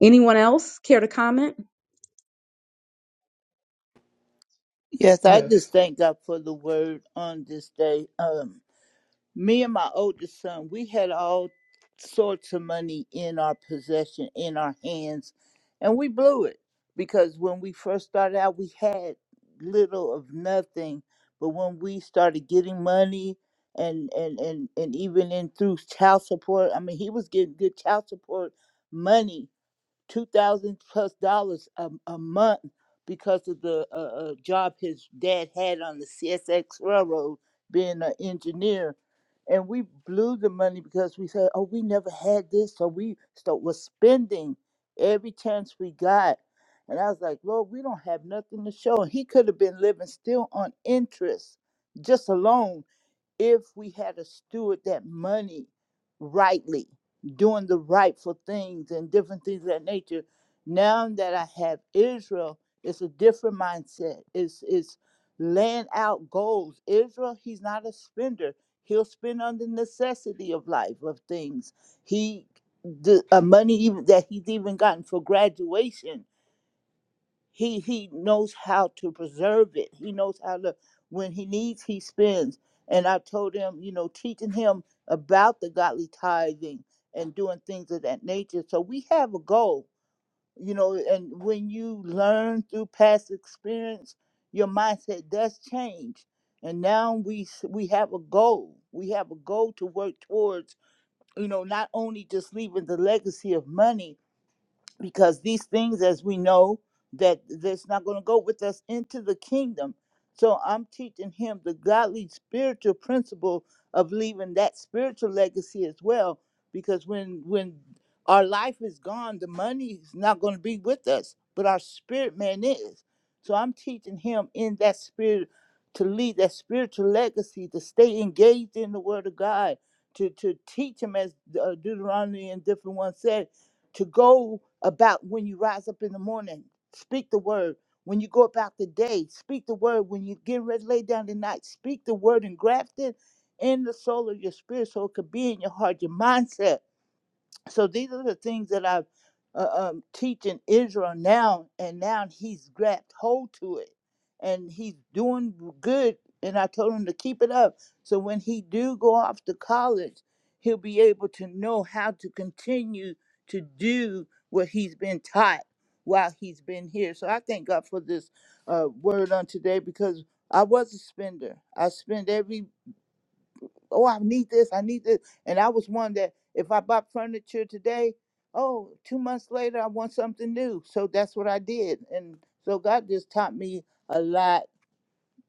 A: Anyone else care to comment?
C: Yes, I
H: Yes.
C: just thank God for the word on this day. Um, Me and my oldest son, we had all sorts of money in our possession, in our hands, and we blew it because when we first started out, we had little of nothing. But when we started getting money, and and and and even in through child support, I mean, he was getting good child support money two thousand plus dollars a, a month because of the uh, uh, job his dad had on the CSX railroad, being an engineer. And we blew the money because we said, "Oh, we never had this," so we start was spending every chance we got. And I was like, "Lord, we don't have nothing to show." And he could have been living still on interest, just alone if we had a steward that money rightly, doing the rightful things and different things of that nature. Now that I have Israel, it's a different mindset. It's it's laying out goals. Israel, he's not a spender. He'll spend on the necessity of life of things. He the uh, money even that he's even gotten for graduation he he knows how to preserve it he knows how to when he needs he spends and i told him you know teaching him about the godly tithing and doing things of that nature so we have a goal you know and when you learn through past experience your mindset does change and now we s- we have a goal we have a goal to work towards you know not only just leaving the legacy of money because these things as we know that that's not going to go with us into the kingdom so i'm teaching him the godly spiritual principle of leaving that spiritual legacy as well because when when our life is gone the money is not going to be with us but our spirit man is so i'm teaching him in that spirit to lead that spiritual legacy to stay engaged in the word of god to to teach him as uh, deuteronomy and different ones said to go about when you rise up in the morning, speak the word. When you go about the day, speak the word. When you get ready to lay down at night, speak the word and graft it in the soul of your spirit so it could be in your heart, your mindset so these are the things that I'm uh, um, teaching Israel now, and now he's grabbed hold to it, and he's doing good. And I told him to keep it up, so when he do go off to college, he'll be able to know how to continue to do what he's been taught while he's been here. So I thank God for this uh, word on today because I was a spender. I spent every oh, I need this, I need this. And I was one that if I bought furniture today, oh, two months later I want something new. So that's what I did. And so God just taught me a lot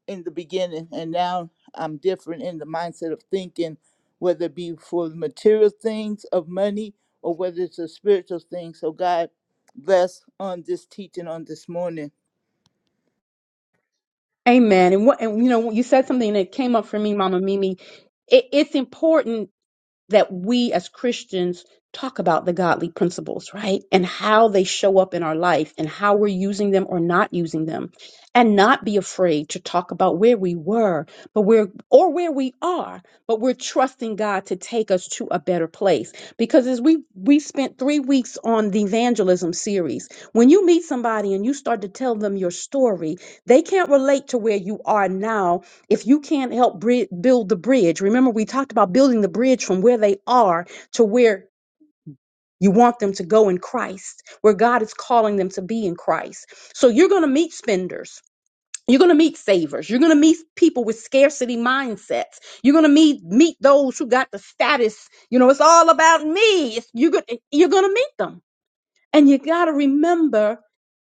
C: in the beginning. And now I'm different in the mindset of thinking, whether it be for the material things of money or whether it's a spiritual thing. So God bless on this teaching on this morning.
A: Amen. And what and you know, you said something that came up for me, Mama Mimi. It, it's important that we as Christians talk about the godly principles, right? And how they show up in our life and how we're using them or not using them. And not be afraid to talk about where we were, but we're or where we are, but we're trusting God to take us to a better place. Because as we we spent 3 weeks on the evangelism series, when you meet somebody and you start to tell them your story, they can't relate to where you are now if you can't help bri- build the bridge, remember we talked about building the bridge from where they are to where you want them to go in Christ, where God is calling them to be in Christ. So you're going to meet spenders. You're going to meet savers. You're going to meet people with scarcity mindsets. You're going to meet meet those who got the status. You know, it's all about me. It's- You're going you're going to meet them and you got to remember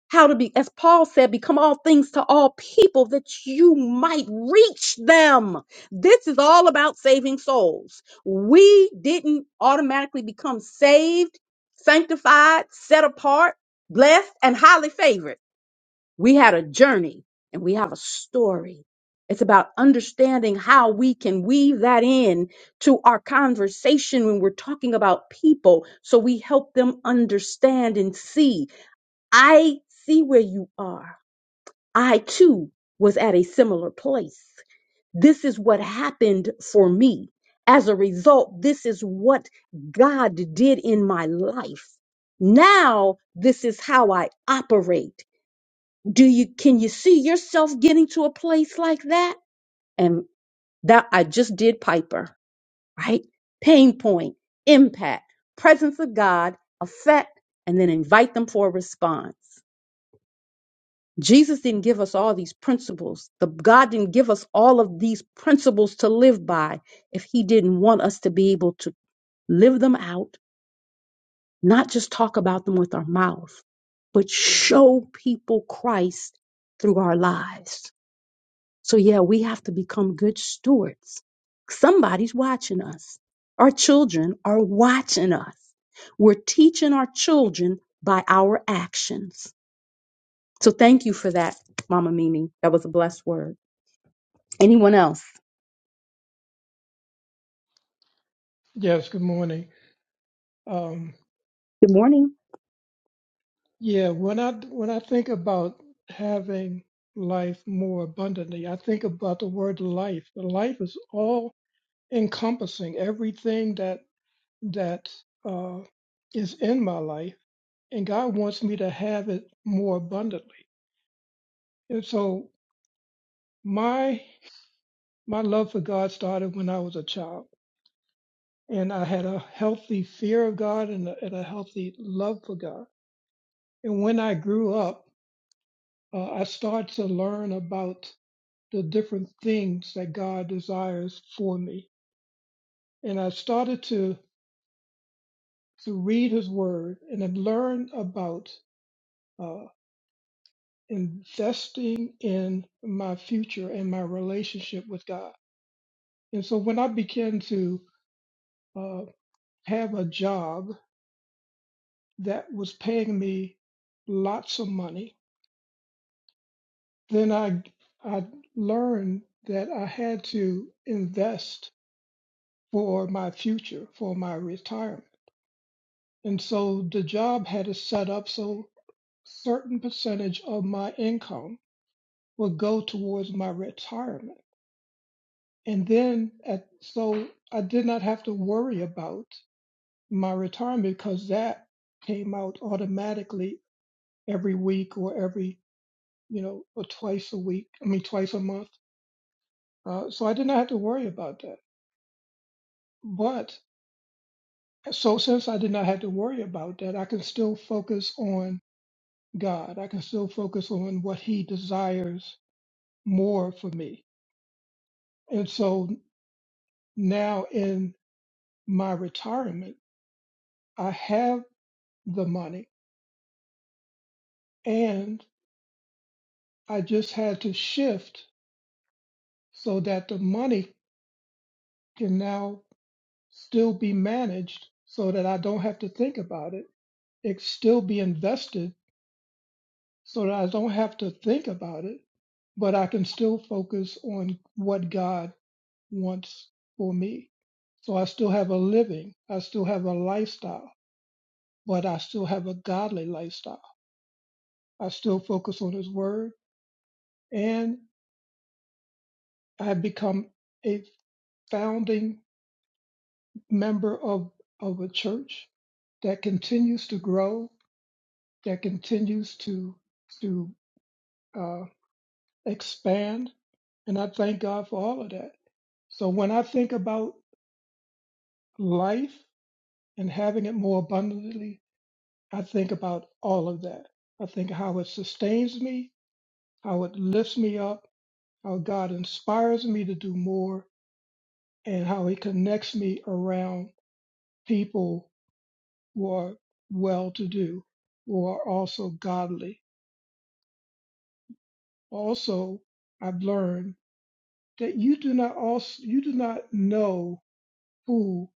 A: how to be, as Paul said, become all things to all people that you might reach them. This is all about saving souls. We didn't automatically become saved, sanctified, set apart, blessed, and highly favored. We had a journey and we have a story. It's about understanding how we can weave that in to our conversation when we're talking about people so we help them understand and see. I see where you are. I too was at a similar place. This is what happened for me. As a result, this is what God did in my life. Now, this is how I operate do you can you see yourself getting to a place like that and that i just did piper right pain point impact presence of god effect and then invite them for a response jesus didn't give us all these principles the god didn't give us all of these principles to live by if he didn't want us to be able to live them out not just talk about them with our mouth but show people christ through our lives So yeah, we have to become good stewards. Somebody's watching us. Our children are watching us. We're teaching our children by our actions. So thank you for that, Mama Mimi. That was a blessed word. Anyone else?
H: Yes. Good morning. Um,
A: Good morning.
H: yeah. When I when I think about having life more abundantly, I think about the word life. The life is all encompassing, everything that that uh, is in my life, and God wants me to have it more abundantly. And so my my love for God started when I was a child, and I had a healthy fear of God and a, and a healthy love for God. And when I grew up. uh, I started to learn about the different things that God desires for me, and I started to to read His Word and have learned about uh, investing in my future and my relationship with God. And so when I began to uh, have a job that was paying me lots of money, then I I learned that I had to invest for my future, for my retirement. And so the job had it set up so certain percentage of my income would go towards my retirement. And then at, so I did not have to worry about my retirement because that came out automatically every week or every, you know, or twice a week, I mean, twice a month. Uh, so I did not have to worry about that. But so since I did not have to worry about that, I can still focus on God. I can still focus on what He desires more for me. And so now in my retirement, I have the money and I just had to shift so that the money can now still be managed so that I don't have to think about it. It still be invested so that I don't have to think about it, but I can still focus on what God wants for me. So I still have a living, I still have a lifestyle, but I still have a godly lifestyle. I still focus on His Word, and I have become a founding member of, of a church that continues to grow, that continues to to uh, expand, and I thank God for all of that. So when I think about life and having it more abundantly I think about all of that. I think how it sustains me, how it lifts me up, how God inspires me to do more, and how He connects me around people who are well to do, who are also godly. Also, I've learned that you do not also you do not know who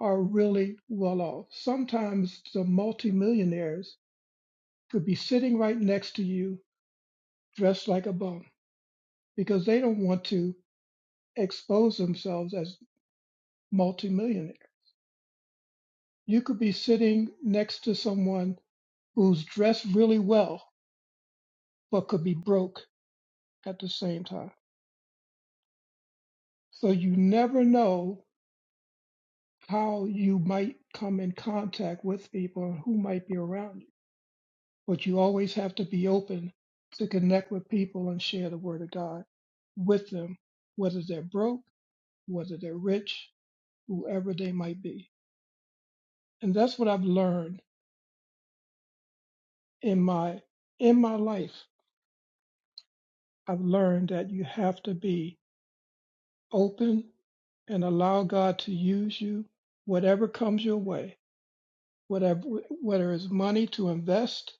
H: are really well off. Sometimes the multimillionaires could be sitting right next to you dressed like a bum because they don't want to expose themselves as multimillionaire. You could be sitting next to someone who's dressed really well, but could be broke at the same time. So you never know how you might come in contact with people and who might be around you. But you always have to be open to connect with people and share the word of God with them, whether they're broke, whether they're rich, whoever they might be. And that's what I've learned in my in my life I've learned that you have to be open and allow God to use you, whatever comes your way, whatever whether it's money to invest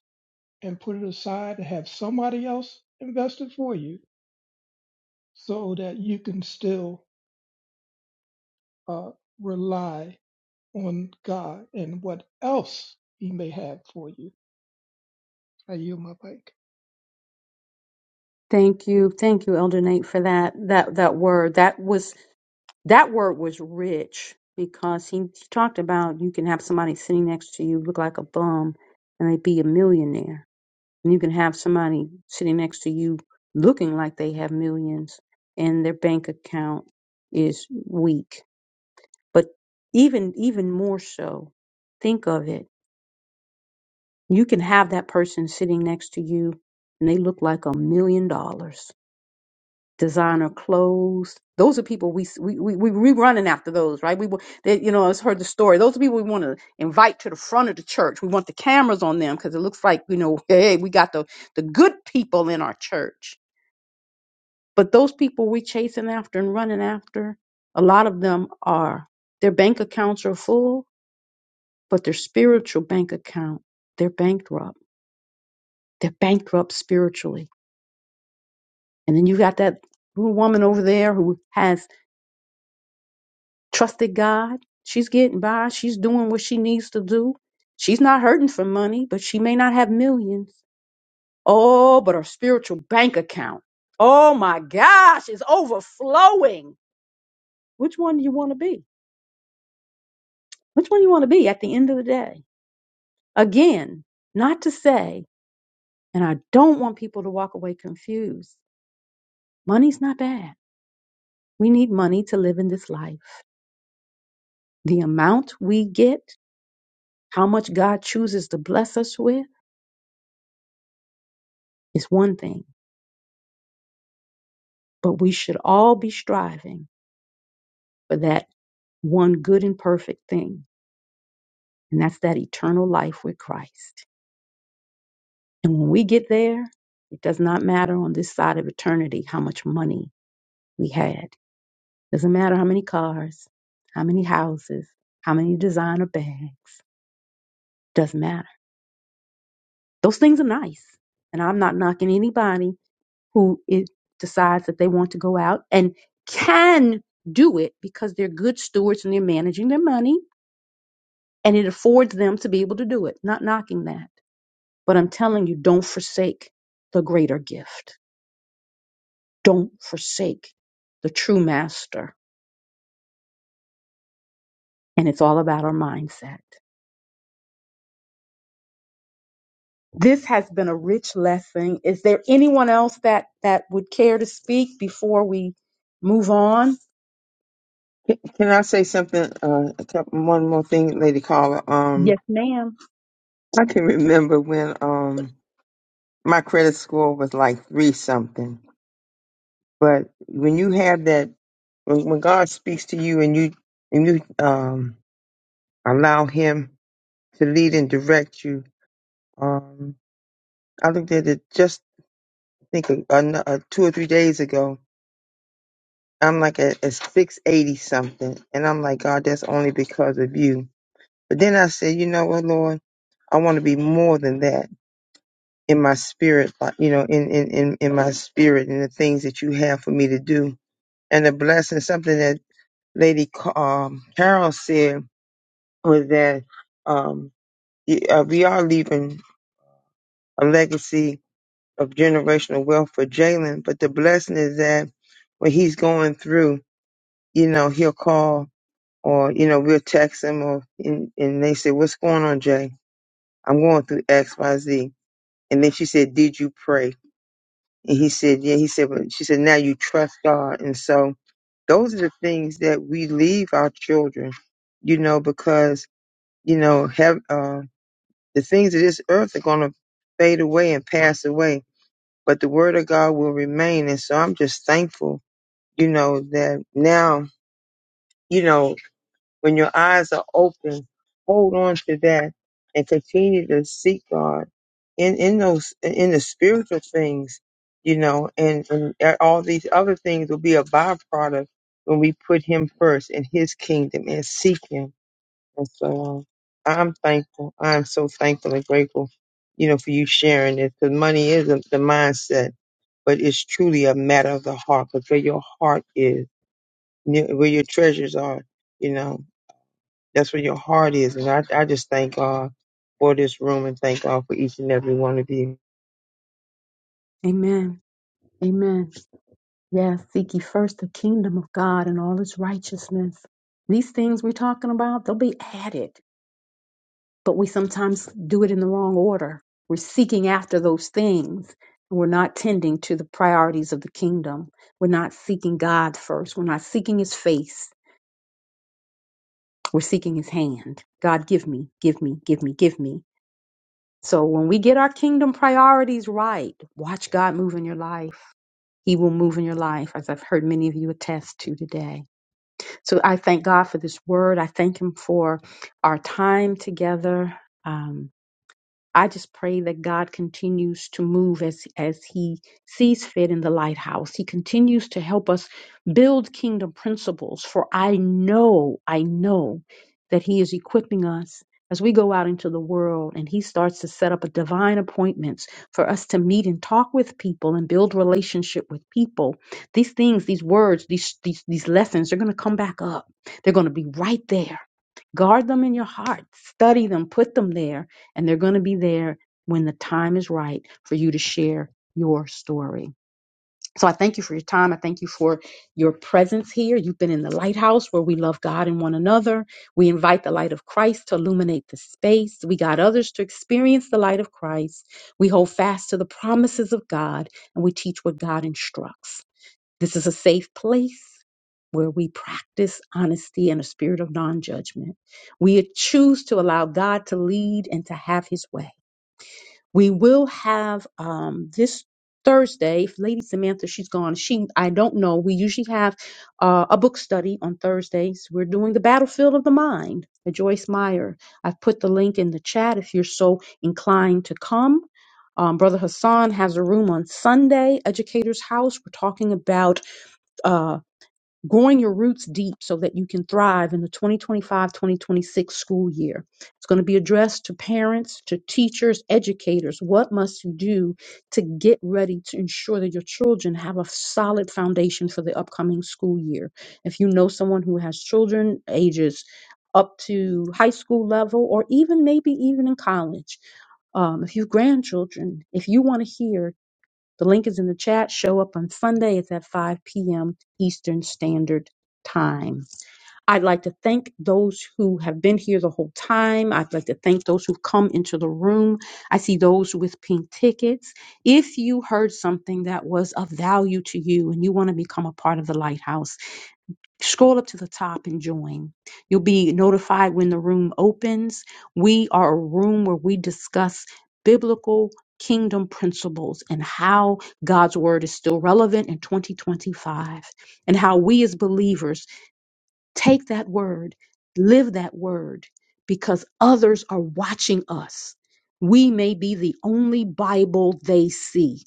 H: and put it aside and have somebody else invest it for you, so that you can still uh, rely on God and what else He may have for you. I yield my bike.
A: Thank you. Thank you, Elder Nate, for that that that word. That was that word was rich because he, he talked about you can have somebody sitting next to you look like a bum and they be a millionaire And you can have somebody sitting next to you looking like they have millions and their bank account is weak. But even even more so, think of it. You can have that person sitting next to you and they look like a million dollars. Designer clothes. Those are people we we we we we running after those, right? We wa- they, you know, I heard the story. Those are people we want to invite to the front of the church. We want the cameras on them because it looks like you know, hey, we got the the good people in our church But those people we're chasing after and running after, a lot of them are their bank accounts are full, but their spiritual bank account, they're bankrupt. They're bankrupt spiritually. And then you got that little woman over there who has trusted God. She's getting by. She's doing what she needs to do. She's not hurting for money, but she may not have millions. Oh, but her spiritual bank account. Oh my gosh, is overflowing. Which one do you want to be? Which one you want to be at the end of the day? Again, not to say, and I don't want people to walk away confused. Money's not bad. We need money to live in this life. The amount we get, how much God chooses to bless us with, is one thing. But we should all be striving for that one good and perfect thing, and that's that eternal life with Christ. And when we get there, it does not matter on this side of eternity how much money we had Doesn't matter how many cars, how many houses, how many designer bags, doesn't matter. Those things are nice. And I'm not knocking anybody who it decides that they want to go out and can do it because they're good stewards and they're managing their money and it affords them to be able to do it. Not knocking that. But I'm telling you, don't forsake the greater gift. Don't forsake the true master. And it's all about our mindset. This has been a rich lesson. Is there anyone else that that would care to speak before we move on?
B: Can can I say something? Uh, a couple, one more thing, Lady Caller. Um,
A: Yes, ma'am.
B: I can (laughs) remember when um my credit score was like three something, but when you have that, when, when God speaks to you and you and you um allow Him to lead and direct you, um, I looked at it just I think a, a, a two or three days ago, I'm like at, at 680 something. And I'm like, God, that's only because of you. But then I said, you know what, Lord? I want to be more than that in my spirit, like, you know, in, in, in, in my spirit and the things that you have for me to do. And the blessing, something that Lady Ca- um, Carol said was that um, y- uh, we are leaving a legacy of generational wealth for Jalen, but the blessing is that when he's going through, you know, he'll call or you know we'll text them or and, and they say what's going on jay i'm going through x y z and then she said did you pray and he said yeah he said but she said now you trust god and so those are the things that we leave our children you know because you know have uh, the things of this earth are going to fade away and pass away but the word of god will remain and so i'm just thankful you know that now you know. When your eyes are open, hold on to that and continue to seek God in, in those, in the spiritual things, you know, and, and all these other things will be a byproduct when we put Him first in His kingdom and seek Him. And so on. I'm thankful. I'm so thankful and grateful, you know, for you sharing this because money is a, the mindset but it's truly a matter of the heart because where your heart is, near- where your treasures are, you know. That's where your heart is. And I, I just thank God for this room and thank God for each and every one of you.
A: Amen. Amen. Yes, seek ye first the kingdom of God and all its righteousness. These things we're talking about, they'll be added, but we sometimes do it in the wrong order. We're seeking after those things. We're not tending to the priorities of the kingdom. We're not seeking God first. We're not seeking his face We're seeking his hand. God, give me, give me, give me, give me. So when we get our kingdom priorities right, watch God move in your life. He will move in your life, as I've heard many of you attest to today. So I thank God for this word. I thank Him for our time together. Um, I just pray that God continues to move as as he sees fit in the lighthouse. He continues to help us build kingdom principles for I know, I know that he is equipping us as we go out into the world and he starts to set up a divine appointments for us to meet and talk with people and build relationship with people. These things, these words, these these, these lessons are going to come back up. They're going to be right there guard them in your heart study them put them there and they're going to be there when the time is right for you to share your story. So I thank you for your time. I thank you for your presence here. You've been in the lighthouse where we love God and one another. We invite the light of Christ to illuminate the space. We got others to experience the light of Christ. We hold fast to the promises of God and we teach what God instructs. This is a safe place where we practice honesty and a spirit of non judgment. We choose to allow God to lead and to have his way. We will have um, this Thursday, if Lady Samantha, she's gone. She, I don't know. We usually have uh, a book study on Thursdays. We're doing The Battlefield of the Mind by Joyce Meyer. I've put the link in the chat if you're so inclined to come. Um, Brother Hassan has a room on Sunday, Educator's House. We're talking about uh, growing your roots deep so that you can thrive in the 2025-2026 school year. It's going to be addressed to parents, to teachers, educators. What must you do to get ready to ensure that your children have a solid foundation for the upcoming school year? If you know someone who has children ages up to high school level or even maybe even in college, um, if you have grandchildren, if you want to hear the link is in the chat. Show up on Sunday. It's at 5 p.m. Eastern Standard Time. I'd like to thank those who have been here the whole time. I'd like to thank those who've come into the room. I see those with pink tickets. If you heard something that was of value to you and you want to become a part of the lighthouse, scroll up to the top and join. You'll be notified when the room opens. We are a room where we discuss biblical kingdom principles and how God's word is still relevant in 2025 and how we as believers take that word, live that word because others are watching us. We may be the only Bible they see.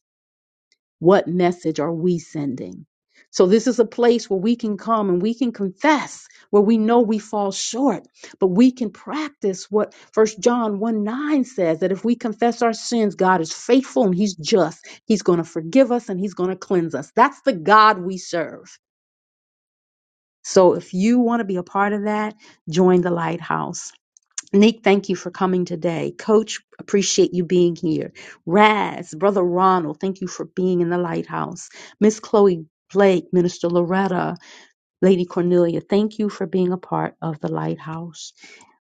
A: What message are we sending? So, this is a place where we can come and we can confess where we know we fall short, but we can practice what First John 1 9 says that if we confess our sins, God is faithful and He's just. He's going to forgive us and He's going to cleanse us. That's the God we serve. So, if you want to be a part of that, join the lighthouse. Nick, thank you for coming today. Coach, appreciate you being here. Raz, Brother Ronald, thank you for being in the lighthouse. Miss Chloe Blake, Minister Loretta, Lady Cornelia, thank you for being a part of the Lighthouse.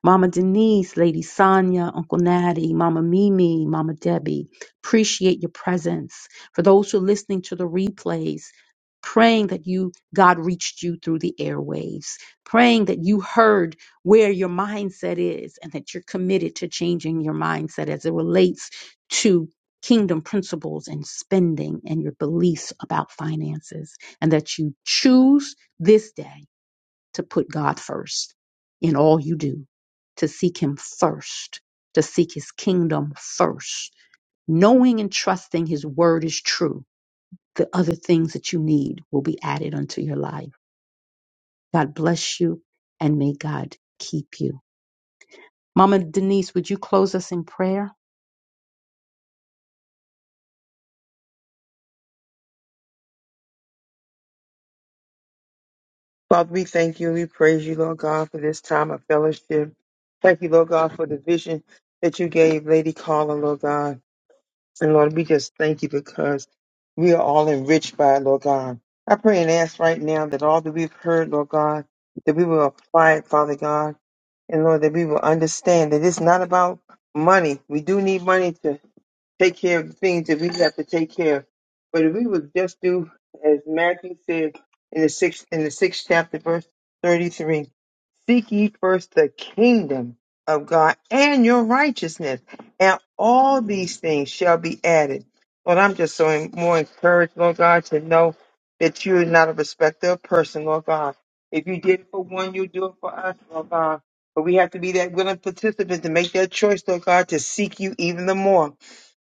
A: Mama Denise, Lady Sonia, Uncle Natty, Mama Mimi, Mama Debbie, appreciate your presence. For those who are listening to the replays, praying that you, God reached you through the airwaves, praying that you heard where your mindset is and that you're committed to changing your mindset as it relates to kingdom principles and spending and your beliefs about finances and that you choose this day to put God first in all you do, to seek Him first, to seek His kingdom first, knowing and trusting His word is true. The other things that you need will be added unto your life. God bless you and may God keep you. Mama Denise, would you close us in prayer?
B: Father, we thank you. We praise you, Lord God, for this time of fellowship. Thank you, Lord God, for the vision that you gave Lady Carla, Lord God. And Lord, we just thank you because we are all enriched by it, Lord God. I pray and ask right now that all that we've heard, Lord God, that we will apply it, Father God. And Lord, that we will understand that it's not about money. We do need money to. take care of the things that we have to take care of. But if we would just do as Matthew said in the sixth in the sixth chapter, verse thirty-three, seek ye first the kingdom of God and your righteousness, and all these things shall be added. Lord, I'm just so en- more encouraged, Lord God, to know that you are not a respecter of person, Lord God. If you did it for one, you do it for us, Lord God. But we have to be that willing participant to make that choice, Lord God, to seek you even the more.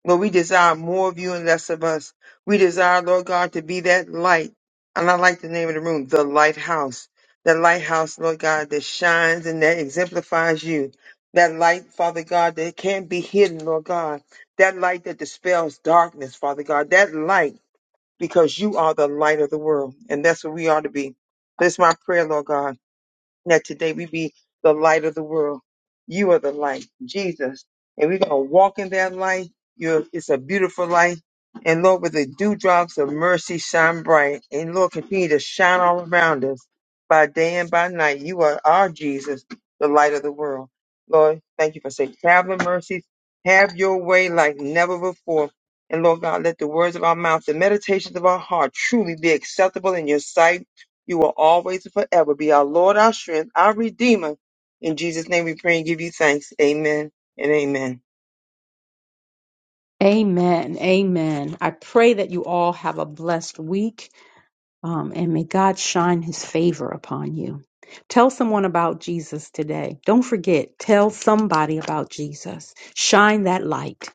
B: Lord, we desire more of you and less of us. We desire, Lord God, to be that light. And I like the name of the room, the lighthouse. The lighthouse, Lord God, that shines and that exemplifies you. That light, Father God, that can't be hidden, Lord God. That light that dispels darkness, Father God. That light, because you are the light of the world. And that's what we are to be. That's my prayer, Lord God that today we be the light of the world. You are the light, Jesus. And we're going to walk in that light. You're, it's a beautiful light. And Lord, with the dewdrops of mercy shine bright. And Lord, continue to shine all around us by day and by night. You are our Jesus, the light of the world. Lord, thank you for saying, traveling mercies. Have your way like never before. And Lord God, let the words of our mouth, the meditations of our heart truly be acceptable in your sight. You will always and forever be our Lord, our strength, our Redeemer. In Jesus' name we pray and give you thanks. Amen and amen.
A: Amen. Amen. I pray that you all have a blessed week um, and may God shine his favor upon you. Tell someone about Jesus today. Don't forget, tell somebody about Jesus. Shine that light,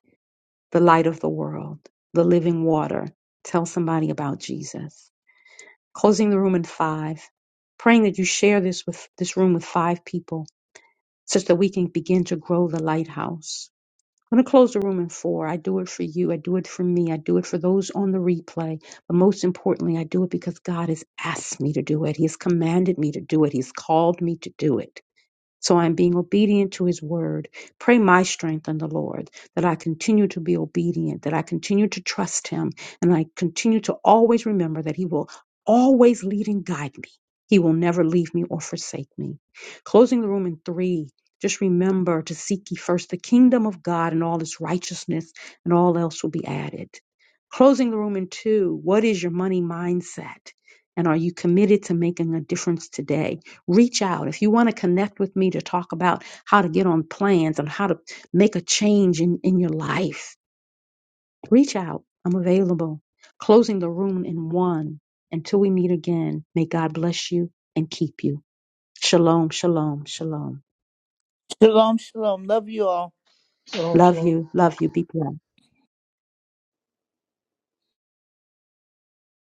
A: the light of the world, the living water. Tell somebody about Jesus. closing the room in five, praying that you share this with this room with five people such that we can begin to grow the lighthouse. I'm going to close the room in four. I do it for you. I do it for me. I do it for those on the replay. But most importantly, I do it because God has asked me to do it. He has commanded me to do it. He's called me to do it. So I'm being obedient to his word. Pray my strength in the Lord that I continue to be obedient, that I continue to trust him, and I continue to always remember that he will always lead and guide me. He will never leave me or forsake me. Closing the room in three. Just remember to seek ye first the kingdom of God and all its righteousness, and all else will be added. Closing the room in two. What is your money mindset? And are you committed to making a difference today? reach out. If you want to connect with me to talk about how to get on plans and how to make a change in, in your life, reach out. I'm available. Closing the room in one. Until we meet again, may God bless you and keep you. Shalom, shalom, shalom.
C: Shalom, shalom. Love you all.
H: Shalom,
A: Love
H: shalom.
A: you, love you. Be blessed.